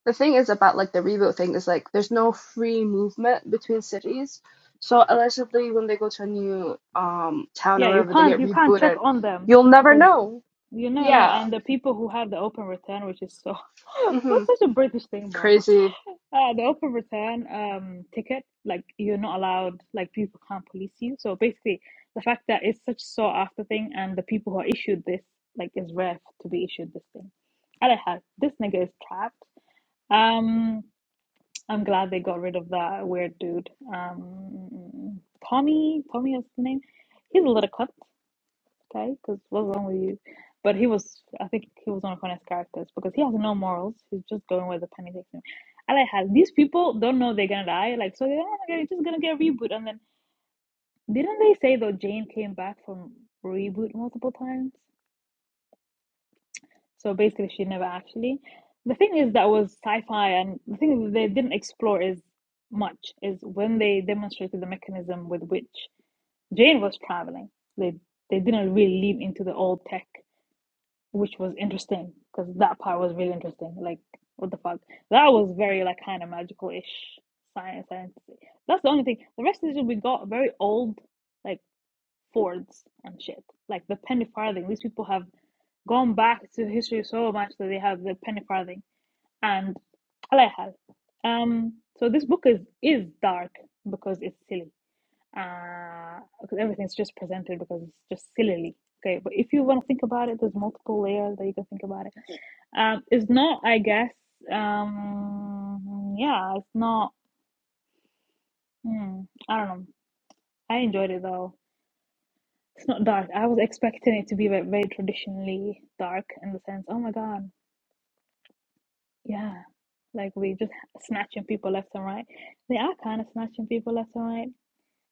the thing is about like the reboot thing is like there's no re movement between cities. So allegedly, when they go to a new um town Yeah, or you wherever, they can't, get you can't check rebooted. on them You'll never because, know. you know, no, Yeah. and the people who have the open return, which is so, [LAUGHS] Mhm. what's such a British thing, bro? Crazy. Uh, the open return um ticket, like you're not allowed, like people can't police you. So basically, the fact that it's such sought after thing, and the people who are issued this, like, is rare to be issued this thing. I don't have this nigga is trapped. Um, I'm glad they got rid of that weird dude. Um, Tommy, Tommy is the name. He's a little cunt okay? Because what's wrong with you? But he was, I think he was one of Connor's characters because he has no morals. He's just going where the penny takes him. And like how these people don't know they're gonna die. Like so, they're oh my god, it's just gonna get a reboot. And then didn't they say though Jane came back from reboot multiple times? So basically, she never actually. The thing is that was sci-fi, and the thing they didn't explore is much is when they demonstrated the mechanism with which Jane was traveling. They they didn't really lean into the old tech which was interesting because that part was really interesting. Like, what the fuck? That was very like kind of magical-ish science. science. That's the only thing. The rest of it we got very old, like Fords and shit. Like the penny farthing. These people have gone back to history so much that they have the penny farthing and alayhal. Um. So this book is is dark because it's silly uh, because everything's just presented because it's just sillily. Okay, but if you want to think about it, there's multiple layers that you can think about it. Um, it's not, I guess. Um, yeah, it's not. Hmm, I don't know. I enjoyed it though. It's not dark. I was expecting it to be very, very traditionally dark in the sense. Oh my God, yeah, like we just snatching people left and right. They are kind of snatching people left and right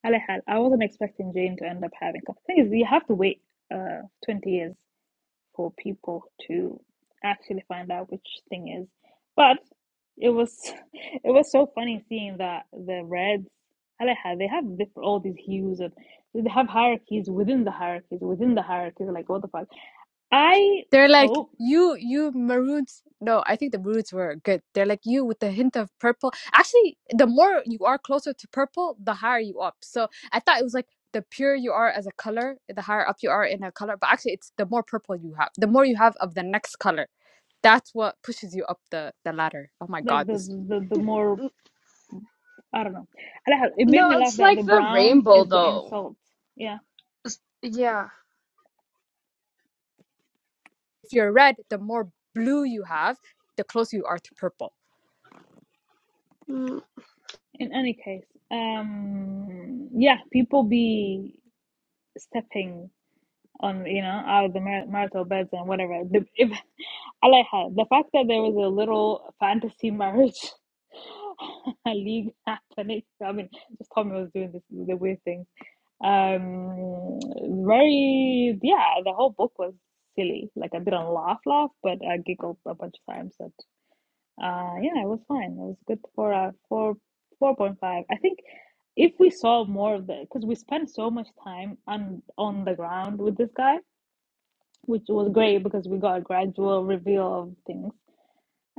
Alehal, I wasn't expecting Jane to end up having. The thing is, you have to wait uh 20 years for people to actually find out which thing is. But it was [LAUGHS] it was so funny seeing that the Reds, Alehal, they have different, all these hues and they have hierarchies within the hierarchies within the hierarchies. Like what the fuck? I They're like hope you, you maroons. No, I think the maroons were good. They're like you with the hint of purple. Actually, the more you are closer to purple, the higher you up. So I thought it was like the purer you are as a color, the higher up you are in a color. But actually, it's the more purple you have, the more you have of the next color. That's what pushes you up the the ladder. Oh my like god! the This the the more I don't know. Alehal, it made me No, laugh it's that like the the brown rainbow is the though. insult. Yeah. Yeah. if you're red, the more blue you have, the closer you are to purple. In any case, um, yeah, people be stepping on, you know, out of the mar marital beds and whatever. The, if, [LAUGHS] Aleha, the fact that there was a little fantasy marriage [LAUGHS] league happening, I mean, just Tommy was doing this, the weird things. Um, very, yeah, the whole book was silly. Like, I didn't laugh, laugh, but I giggled a bunch of times. at uh, yeah, it was fine. It was good for uh, four, 4.5. I think if we saw more of the, because we spent so much time on on the ground with this guy, which was great because we got a gradual reveal of things.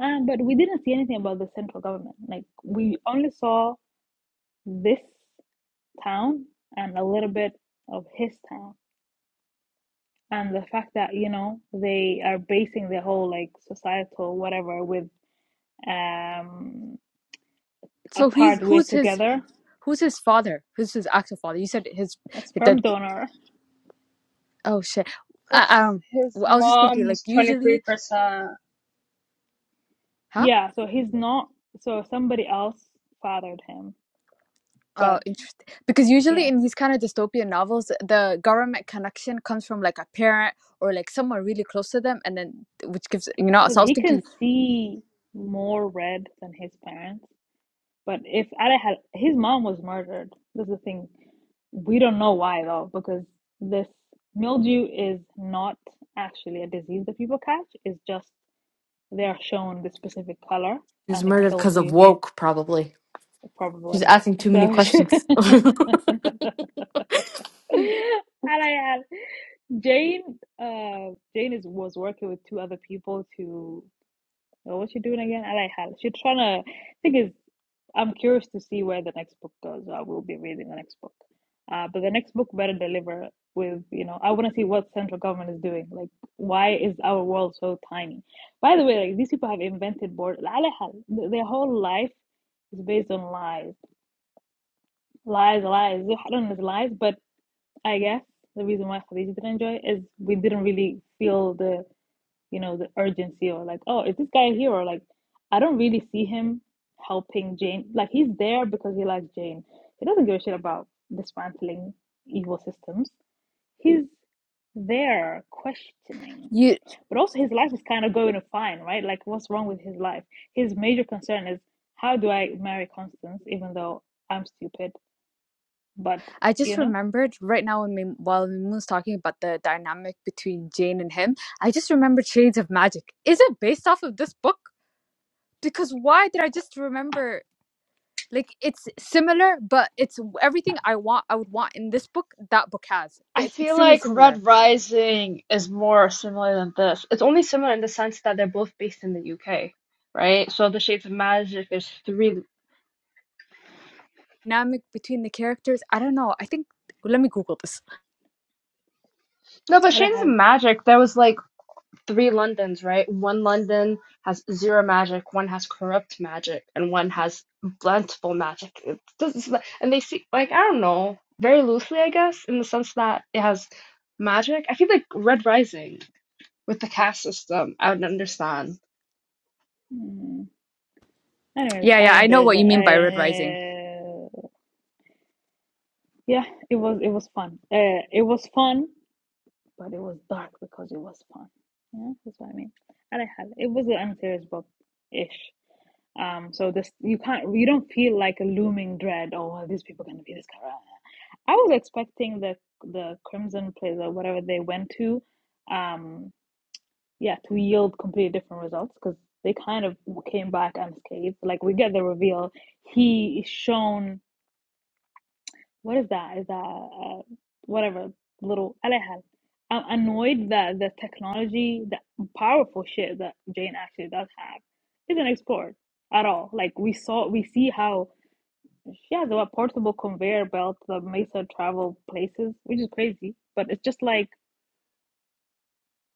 Um, but we didn't see anything about the central government. Like we only saw this town and a little bit of his town, and the fact that you know they are basing their whole like societal whatever with um So he's apart we're who's his together who's his father? Who's his actual father? You said his. A sperm the donor. Oh shit. Uh, Because um, his w- I was just thinking, mom like was usually, 23%. huh? Yeah, so he's not, so somebody else fathered him. But Oh, interesting. Because usually yeah, in these kind of dystopian novels, the government connection comes from like a parent or like someone really close to them, and then which gives you know. because So I was he can thinking, see more red than his parents. But if Ada had, his mom was murdered. That's the thing. We don't know why though, because this mildew is not actually a disease that people catch. It's just they are shown the specific color She was and it murdered kills because of you, woke, probably. She's probably. asking too many So, [LAUGHS] Ada questions. [LAUGHS] had Jane, uh, Jane is was working with two other people to. Oh, what's she doing again? I like She's trying to. I think is. I'm curious to see where the next book goes. I will be reading the next book. Uh, but the next book better deliver with, you know, I want to see what central government is doing. Like, why is our world so tiny? By the way, like these people have invented board. على Their whole life is based on lies, lies, lies. I don't know lies, but I guess the reason why Khadija didn't enjoy it is we didn't really feel the, you know, the urgency or like, oh, is this guy a hero? Like, I don't really see him helping Jane. Like, he's there because he likes Jane. He doesn't give a shit about dismantling evil systems. He's there questioning. you. But also, his life is kind of going fine, right? Like, what's wrong with his life? His major concern is how do I marry Constance, even though I'm stupid, but I just you know, remembered right now when Mim- while Mim was talking about the dynamic between Jane and him, I just remembered Shades of Magic. Is it based off of this book? Because why did I just remember? Like it's similar, but it's w- everything I want. I would want in this book. That book has, but I it's feel extremely like similar. Red Rising is more similar than this. It's only similar in the sense that they're both based in the UK, right? So the Shades of Magic is three. Dynamic between the characters. I don't know. I think let me Google this. No, but I Shades of has Magic, there was like three Londons, right? One London has zero magic, one has corrupt magic, and one has blentful magic. It doesn't, and they see, like, I don't know, very loosely, I guess, in the sense that it has magic. I feel like Red Rising. with the caste system. I would understand. hmm. Anyways, Yeah, I yeah. I know enjoyed what you that. mean by Red [LAUGHS] Rising. I yeah, it was it was fun. Uh, it was fun, but it was dark because it was fun. Yeah, that's what I mean. And I like how- It was an unserious book ish. Um, so this you can't you don't feel like a looming dread. Oh, are these people gonna be this kind I was expecting the the Crimson Place or whatever they went to, um, yeah, to yield completely different results because they kind of came back unscathed. Like we get the reveal, he is shown what is that? Is that uh, whatever little alihal? I'm annoyed that the technology, the powerful shit that Jane actually does have, isn't explored at all. Like we saw, we see how she has a portable conveyor belt that makes her travel places, which is crazy. But it's just like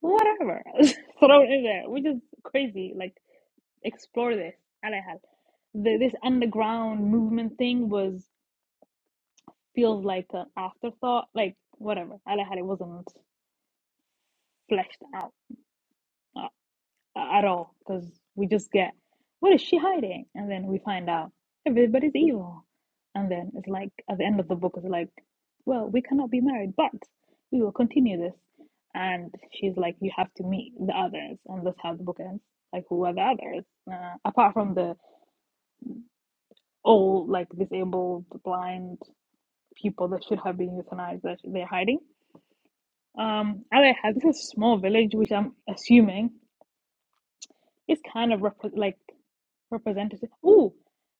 whatever, [LAUGHS] thrown in there, which is crazy. Like explore this alihal. The, this underground movement thing was feels like an afterthought. Like whatever, I had it wasn't fleshed out uh, at all because we just get what is she hiding, and then we find out everybody's evil, and then it's like at the end of the book, it's like, well, we cannot be married, but we will continue this, and she's like, you have to meet the others, and that's how the book ends. Like who are the others? Uh, apart from the all like disabled, blind people that should have been euthanized that they're hiding Um, Aleja, this is a small village, which I'm assuming is kind of rep like representative. Ooh,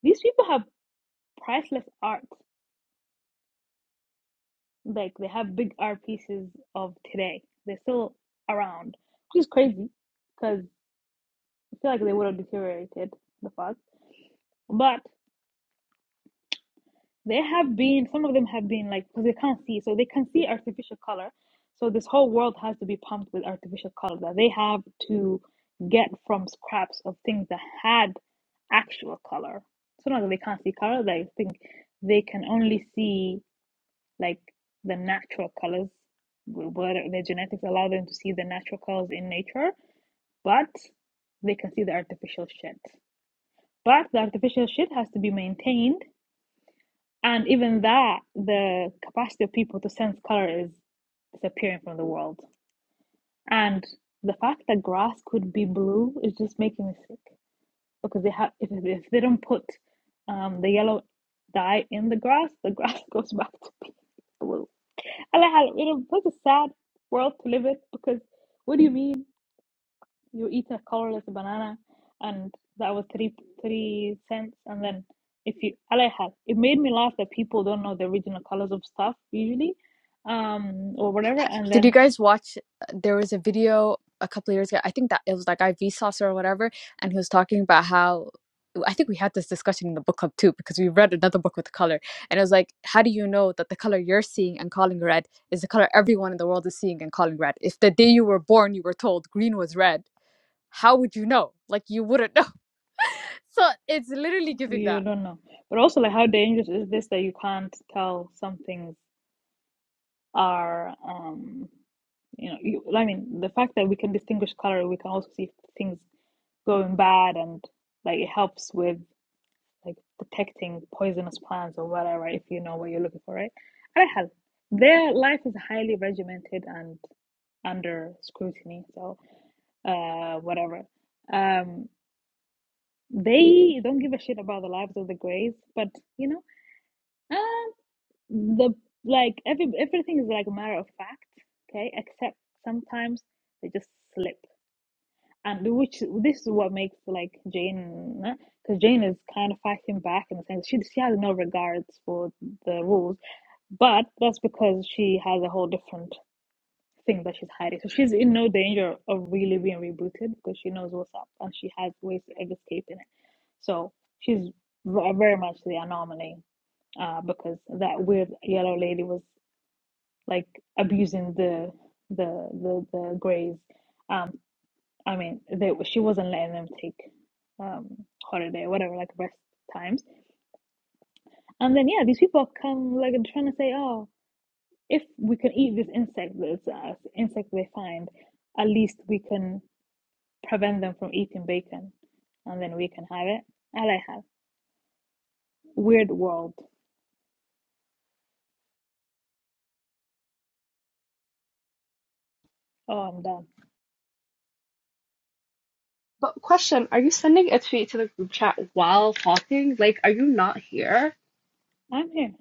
these people have priceless art. Like they have big art pieces of today. They're still around, which is crazy because I feel like they would have deteriorated the fuck. But They have been, some of them have been like, because they can't see, so they can see artificial color. So this whole world has to be pumped with artificial color that they have to get from scraps of things that had actual color. So not that they can't see color, they think they can only see like the natural colors, wh- whether their genetics allow them to see the natural colors in nature, but they can see the artificial shit. But the artificial shit has to be maintained and even that, the capacity of people to sense color is disappearing from the world. And the fact that grass could be blue is just making me sick because they have if, if they don't put um, the yellow dye in the grass, the [LAUGHS] grass goes back to being blue. And I, you know, that's a sad world to live in because what do you mean? you eat a colorless banana and that was three three cents and then if you alayhal it made me laugh that people don't know the original colors of stuff usually um or whatever and Did you then guys watch? There was a video a couple of years ago. I think that it was like IV Sauce or whatever, and he was talking about how. I think we had this discussion in the book club too because we read another book with color, and it was like, how do you know that the color you're seeing and calling red is the color everyone in the world is seeing and calling red? If the day you were born you were told green was red, how would you know? Like you wouldn't know. [LAUGHS] So it's literally giving you that. don't know but also like how dangerous is this that you can't tell some things are um you know you, i mean the fact that we can distinguish color we can also see things going bad and like it helps with like detecting poisonous plants or whatever if you know what you're looking for, right? I have. Their life is highly regimented and under scrutiny, so uh, whatever. Um, they don't give a shit about the lives of the Greys, but you know, um, the like every everything is like a matter of fact, okay? Except sometimes they just slip. and which this is what makes like Jane, because Jane is kind of fighting back in the sense she she has no regards for the rules, but that's because she has a whole different thing that she's hiding. So she's in no danger of really being rebooted because she knows what's up and she has ways of escaping it. So she's ve- very much the anomaly uh, because that weird yellow lady was like abusing the the the the greys Um, I mean, they, she wasn't letting them take um, holiday, whatever, like rest times. And then, yeah, these people come like trying to say, oh, if we can eat this insect, this uh, insect they find, at least we can prevent them from eating bacon, and then we can have it. All I have weird world. Oh, I'm done. But question, are you sending a tweet to the group chat while talking? Like, are you not here? I'm here.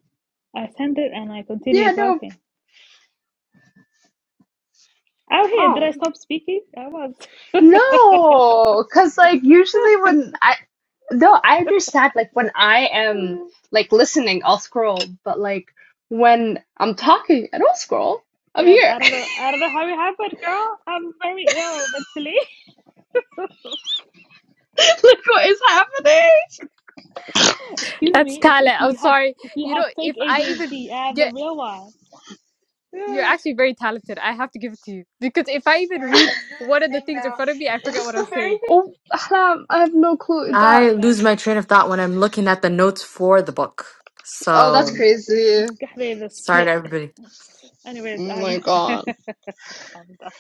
I sent it, and I Yeah, continue no, talking. Out here, did Oh. I stop speaking? I was. no, because like usually when I no, I understand like when I am [LAUGHS] like listening, I'll scroll, but like when I'm talking, I don't scroll. I'm Then here. I [LAUGHS] don't know. I don't know how it happened, girl. I'm very ill mentally. [LAUGHS] like what is happening? Excuse That's me, if if talent. I'm you have sorry. if you You have know, fake if I even ADHD, I have get the real one. [SIGHS] You're Yeah. actually very talented. I have to give it to you. Because if I even read one of the things in Oh, front of me, I I forget what I'm saying. Oh, I have no I clue don't know. I that. My lose my train of thought when I'm looking at the notes for the book. Oh, that's So mm, my crazy. is a sorry to split. everybody. Anyways, Oh I'm [LAUGHS] my I'm god. done.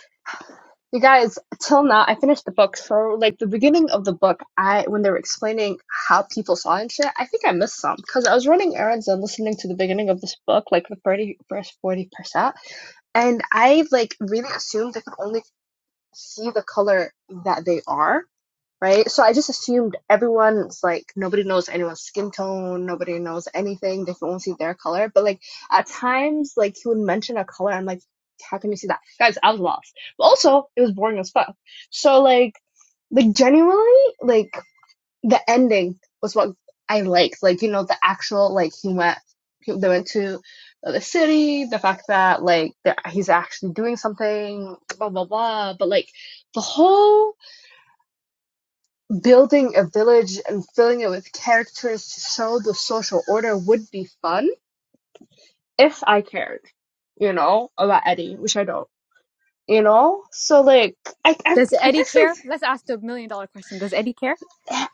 You guys, till now, I finished the book. So, like the beginning of the book, I when they were explaining how people saw and shit, I think I missed some because I was running errands and listening to the beginning of this book, like the 30, first forty percent, and I like really assumed they could only see the color that they are right? So I just assumed everyone's like nobody knows anyone's skin tone, nobody knows anything. They can only see their color. But like at times, like he would mention a color, I'm like, how can you see that, guys? I was lost. But also, it was boring as fuck. So like, like genuinely, like the ending was what I liked. Like you know, the actual like he went, he, they went to. The other city, the fact that like he's actually doing something, blah blah blah. But like the whole building a village and filling it with characters to show the social order would be fun if I cared, you know, about Eddie, which I don't, you know. So like, I I, Does I Eddie guess care? like Let's ask the million dollar question. Does Eddie care?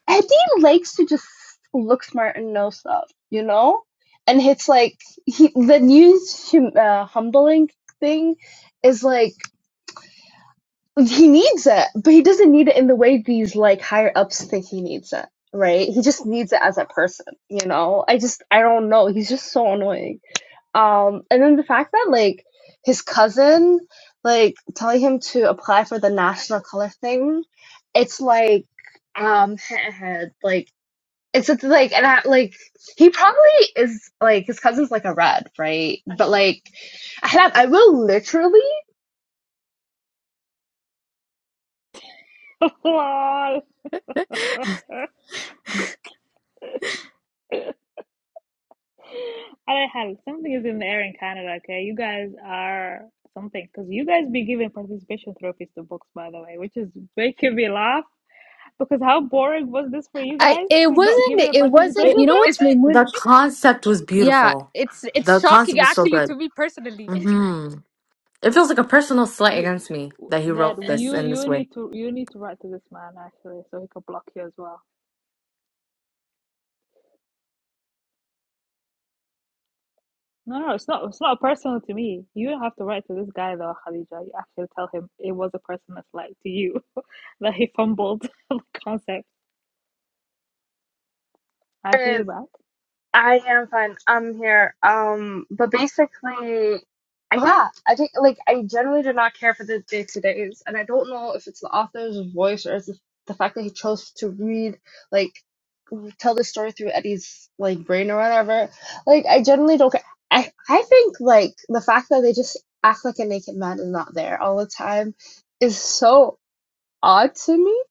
Eddie likes to just look smart and know stuff, you know. And it's like he, the new hum, uh, humbling thing is like he needs it, but he doesn't need it in the way these like higher ups think he needs it, right? He just needs it as a person, you know? I just I don't know. He's just so annoying. Um and then the fact that like his cousin like telling him to apply for the national color thing, it's like um head [LAUGHS] like it's it's like and I, like he probably is like his cousin's like a red, right? But like I, have I will literally Lol. [LAUGHS] Alright, hell, something is in the air in Canada, okay? You guys are something, because you guys be giving participation trophies to books, by the way, which is making me laugh. Because how boring was this for you I guys it to not give it wasn't a it wasn't It, participation you know trophy? what's is my mood? the concept was Yeah, beautiful. it's it's The shocking concept was so actually good. to me personally. [LAUGHS] hmm It feels like a personal slight We, against me we, that he that wrote this you in this you way. need to you need to write to this man actually so he can block you as well. No, no, it's not it's not personal to me. You don't have to write to this guy though, Khadija. You actually tell him it was a person that's like to you [LAUGHS] that he fumbled [LAUGHS] the concept. Actually, uh, you back. I am fine. I'm here. Um, but basically, yeah, I think like I generally do not care for the day to days, and I don't know if it's the author's voice or it's the, the fact that he chose to read like tell the story through Eddie's like brain or whatever. Like I generally don't care. I I think like the fact that they just act like a naked man is not there all the time is so odd to me.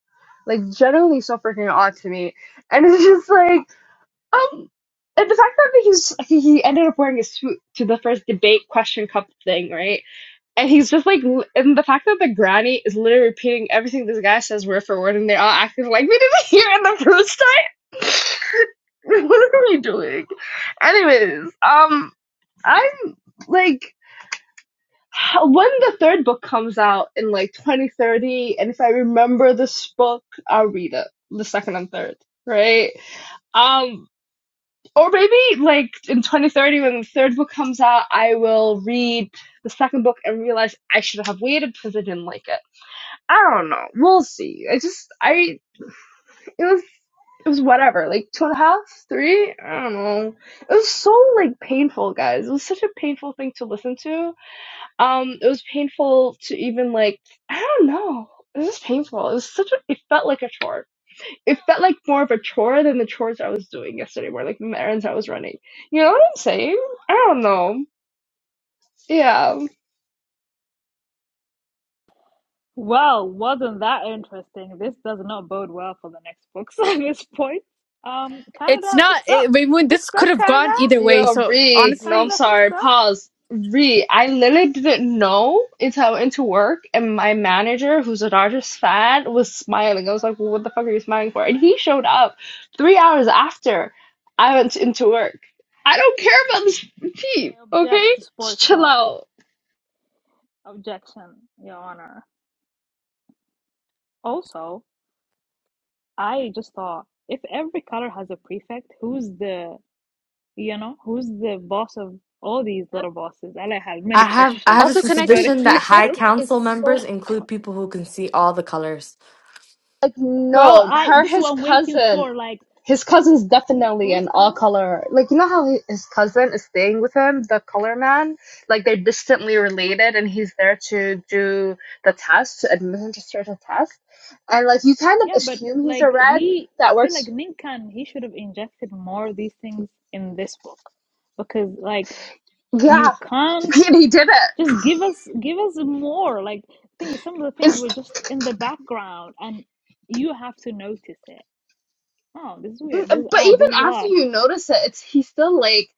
Like generally so freaking odd to me, and it's just like. Um, and the fact that he's he he ended up wearing a suit to the first debate question cup thing, right? And he's just like, l- and the fact that the granny is literally repeating everything this guy says word for word, and they're all acting like we didn't [LAUGHS] hear it the first time. [LAUGHS] what are we doing? Anyways, um, I'm like. how- When the third book comes out in like 2030, and if I remember this book, I'll read it, the second and third, right? Um, Or maybe like in 2030 when the third book comes out, I will read the second book and realize I should have waited because I didn't like it. I don't know. We'll see. I just I it was it was whatever, like two and a half, three, I don't know. It was so like painful, guys. It was such a painful thing to listen to. Um, it was painful to even like I don't know. It was painful. It was such a it felt like a chore it felt like more of a chore than the chores I was doing yesterday were like the errands I was running. You know what I'm saying? I don't know. Yeah. Well, wasn't that interesting? This does not bode well for the next books [LAUGHS] at this point. Um, It's Canada, not. fix up, It, I mean, fix this up, could have Canada, gone either way. Yo, So Re. No, I'm Canada, honestly, fix sorry. up. Pause. Re. I literally didn't know until I went to work and my manager, who's a Dodgers fan, was smiling. I was like, well, what the fuck are you smiling for? And he showed up three hours after I went into work. I don't care about this team, I object okay? to Just sports chill talk. out. Objection, Your Honor. Also, I just thought if every color has a prefect, who's the you know who's the boss of all these little bosses? And I have many I have I questions, have a also, [LAUGHS] can I say many suspicion that high questions. prefect is council so members include people who can see all the colors. Like, Girl, no, I her, this is his what I'm waiting cousin. for. Like, His cousin's definitely who's an all cousin? color. Like you know how he, his cousin is staying with him, the color man. Like they're distantly related, and he's there to do the test, to administer the test, and like you kind of Yeah, but assume he's a like red. he, I That feel like works. Ninkan he should have injected more of these things in this book because like you Yeah, [LAUGHS] can't. and he did it. just give us give us more like think some of the things It's were just in the background and you have to notice it oh this is weird this Mm, is But odd even this is after odd you notice it, it's he's still like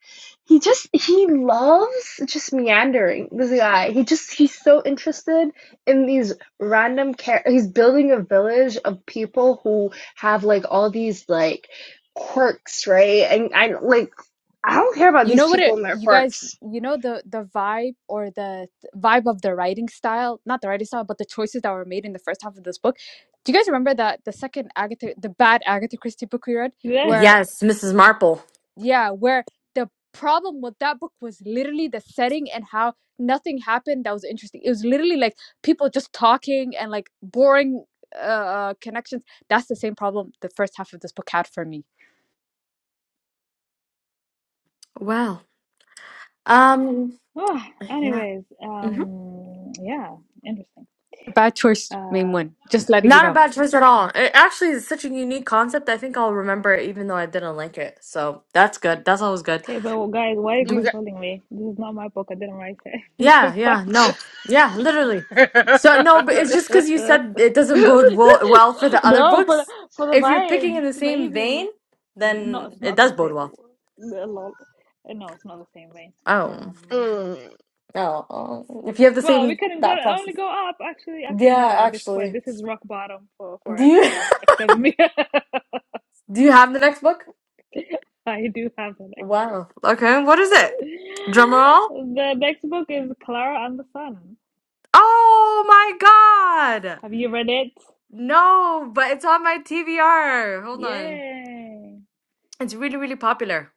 he just he loves just meandering. This guy, he just he's so interested in these random care. He's building a village of people who have like all these like quirks, right? And I like I don't care about You know these what people it and their you guys quirks. you know the the vibe or the vibe of the writing style, not the writing style, but the choices that were made in the first half of this book. Do you guys remember that the second Agatha the bad Agatha Christie book we read [LAUGHS] yeah where Yes, Mrs. Marple. yeah, where the problem with that book was literally the setting and how nothing happened that was interesting. It was literally like people just talking and like boring uh uh, connections. That's the same problem the first half of this book had for me. Wow. Um, oh, yeah. anyways hmm um yeah interesting Bad choice, main uh one. Just letting you Not know. a bad choice at all. It actually is such a unique concept. I think I'll remember it even though I didn't like it. So that's good. That's always good. okay but well, guys why are you Do You we? consoling me this is not my book i didn't write it [LAUGHS] Yeah, But- yeah, no. Yeah, literally. guys, [LAUGHS] mm. So, [LAUGHS] no, but it's just because you [LAUGHS] said it doesn't bode well, well for the other no for the- books. for the If you're picking vibes in the same vein, maybe not then it's it not the does bode same well. a lot no it's not the same vein Oh. Um, Oh. oh. If you have the Well, we same couldn't go thought only process. go up. Actually, actually no. Yeah, At this point, actually. this is rock bottom for for Do you everybody except me. [LAUGHS] [LAUGHS] do you have the next book? I do have the next book. Wow. Okay, what is it? Drum [GASPS] [LAUGHS] roll. The next book is Clara and the Sun. Oh my God. Have you read it? No, but it's on my TBR. Hold on. Yay! It's really, really popular.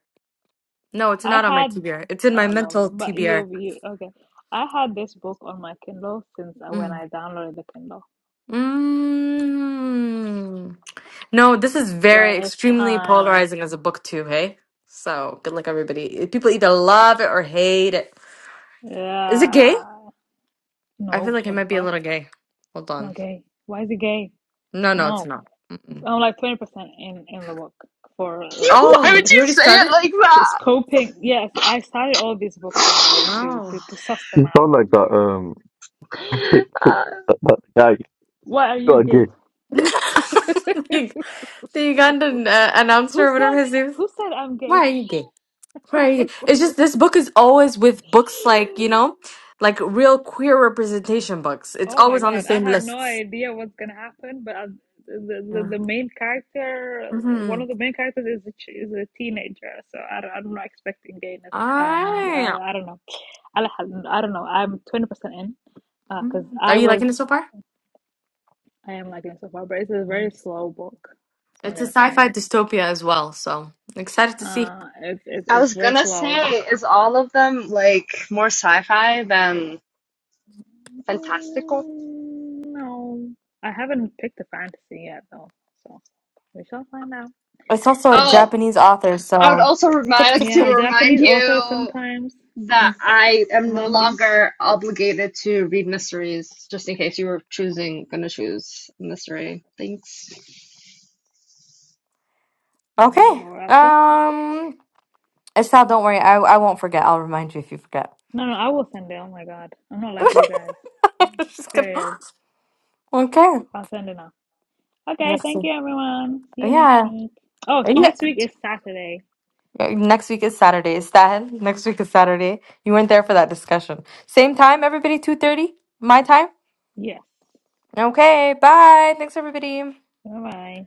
No, it's I not on my had TBR. It's in my oh lol, mental but TBR. you you okay. I had this book on my Kindle since I- when Mm. I downloaded the Kindle, Mm. No, this is so very it's extremely time. polarizing as a book too, hey? So good luck, everybody. People either love it or hate it. Is it gay? Yeah. I feel No, like it what the might be a fuck? little gay. Hold It's not on. gay. Why is it gay? No, no, it's No. not. Mm-mm. I'm like 20% in in the book for uh, why Oh, sc- would you you sc- already say it started? like that? scoping. Yes, I started all these books by the way to to Oh. to suss [LAUGHS] them out. Don't like that. Um, [LAUGHS] that, that Why are you guy. gay? [LAUGHS] Who the Ugandan uh, announcer or said whatever his name is. who said I'm gay? Why are you gay? Why are you gay? It's just this book is always with books like, you [LAUGHS] know, like real queer representation books. It's Oh my always on the God, I same have no lists. idea what's gonna happen, but i the, the Yeah. the main character, one Mm-hmm. of the main characters is a, ch- is a teenager, so I don't, I'm not expecting gayness. Um, I, Ah. I don't know. I, I don't know. I'm 20% in because uh, Mm. Are I you was. liking it so far? I am liking it so far, but it's a Mhm. very slow book. So I'm It's a gonna sci-fi say, dystopia as well, so excited to see. uh, it's it's I it's was very gonna slow. say, is all of them like more sci-fi than fantastical? Mm, no, I haven't picked a fantasy yet though, so we shall find out. It's also a Oh, Japanese author, I would so also remind tick like, tick to Yeah, tick. remind Japanese authors you sometimes that Mm. I am no remind me. longer obligated to read mysteries, just in case you were choosing gonna choose mystery. Thanks. Okay. You're welcome. Um Estelle, don't worry. I, I won't forget. I'll remind you if you forget. No, no, I will send it. Oh my God, I'm not [LAUGHS] like I you guys. was Just kidding. Period. Okay. I'll send it now. Okay, Next. thank you everyone. See you next Yeah. week. Oh, Yeah. next week is Saturday. Next week is Saturday. Stan, next week is Saturday. You weren't there for that discussion. Same time, everybody, 2.30? My time? Yes. Okay, bye. Thanks, everybody. Bye bye.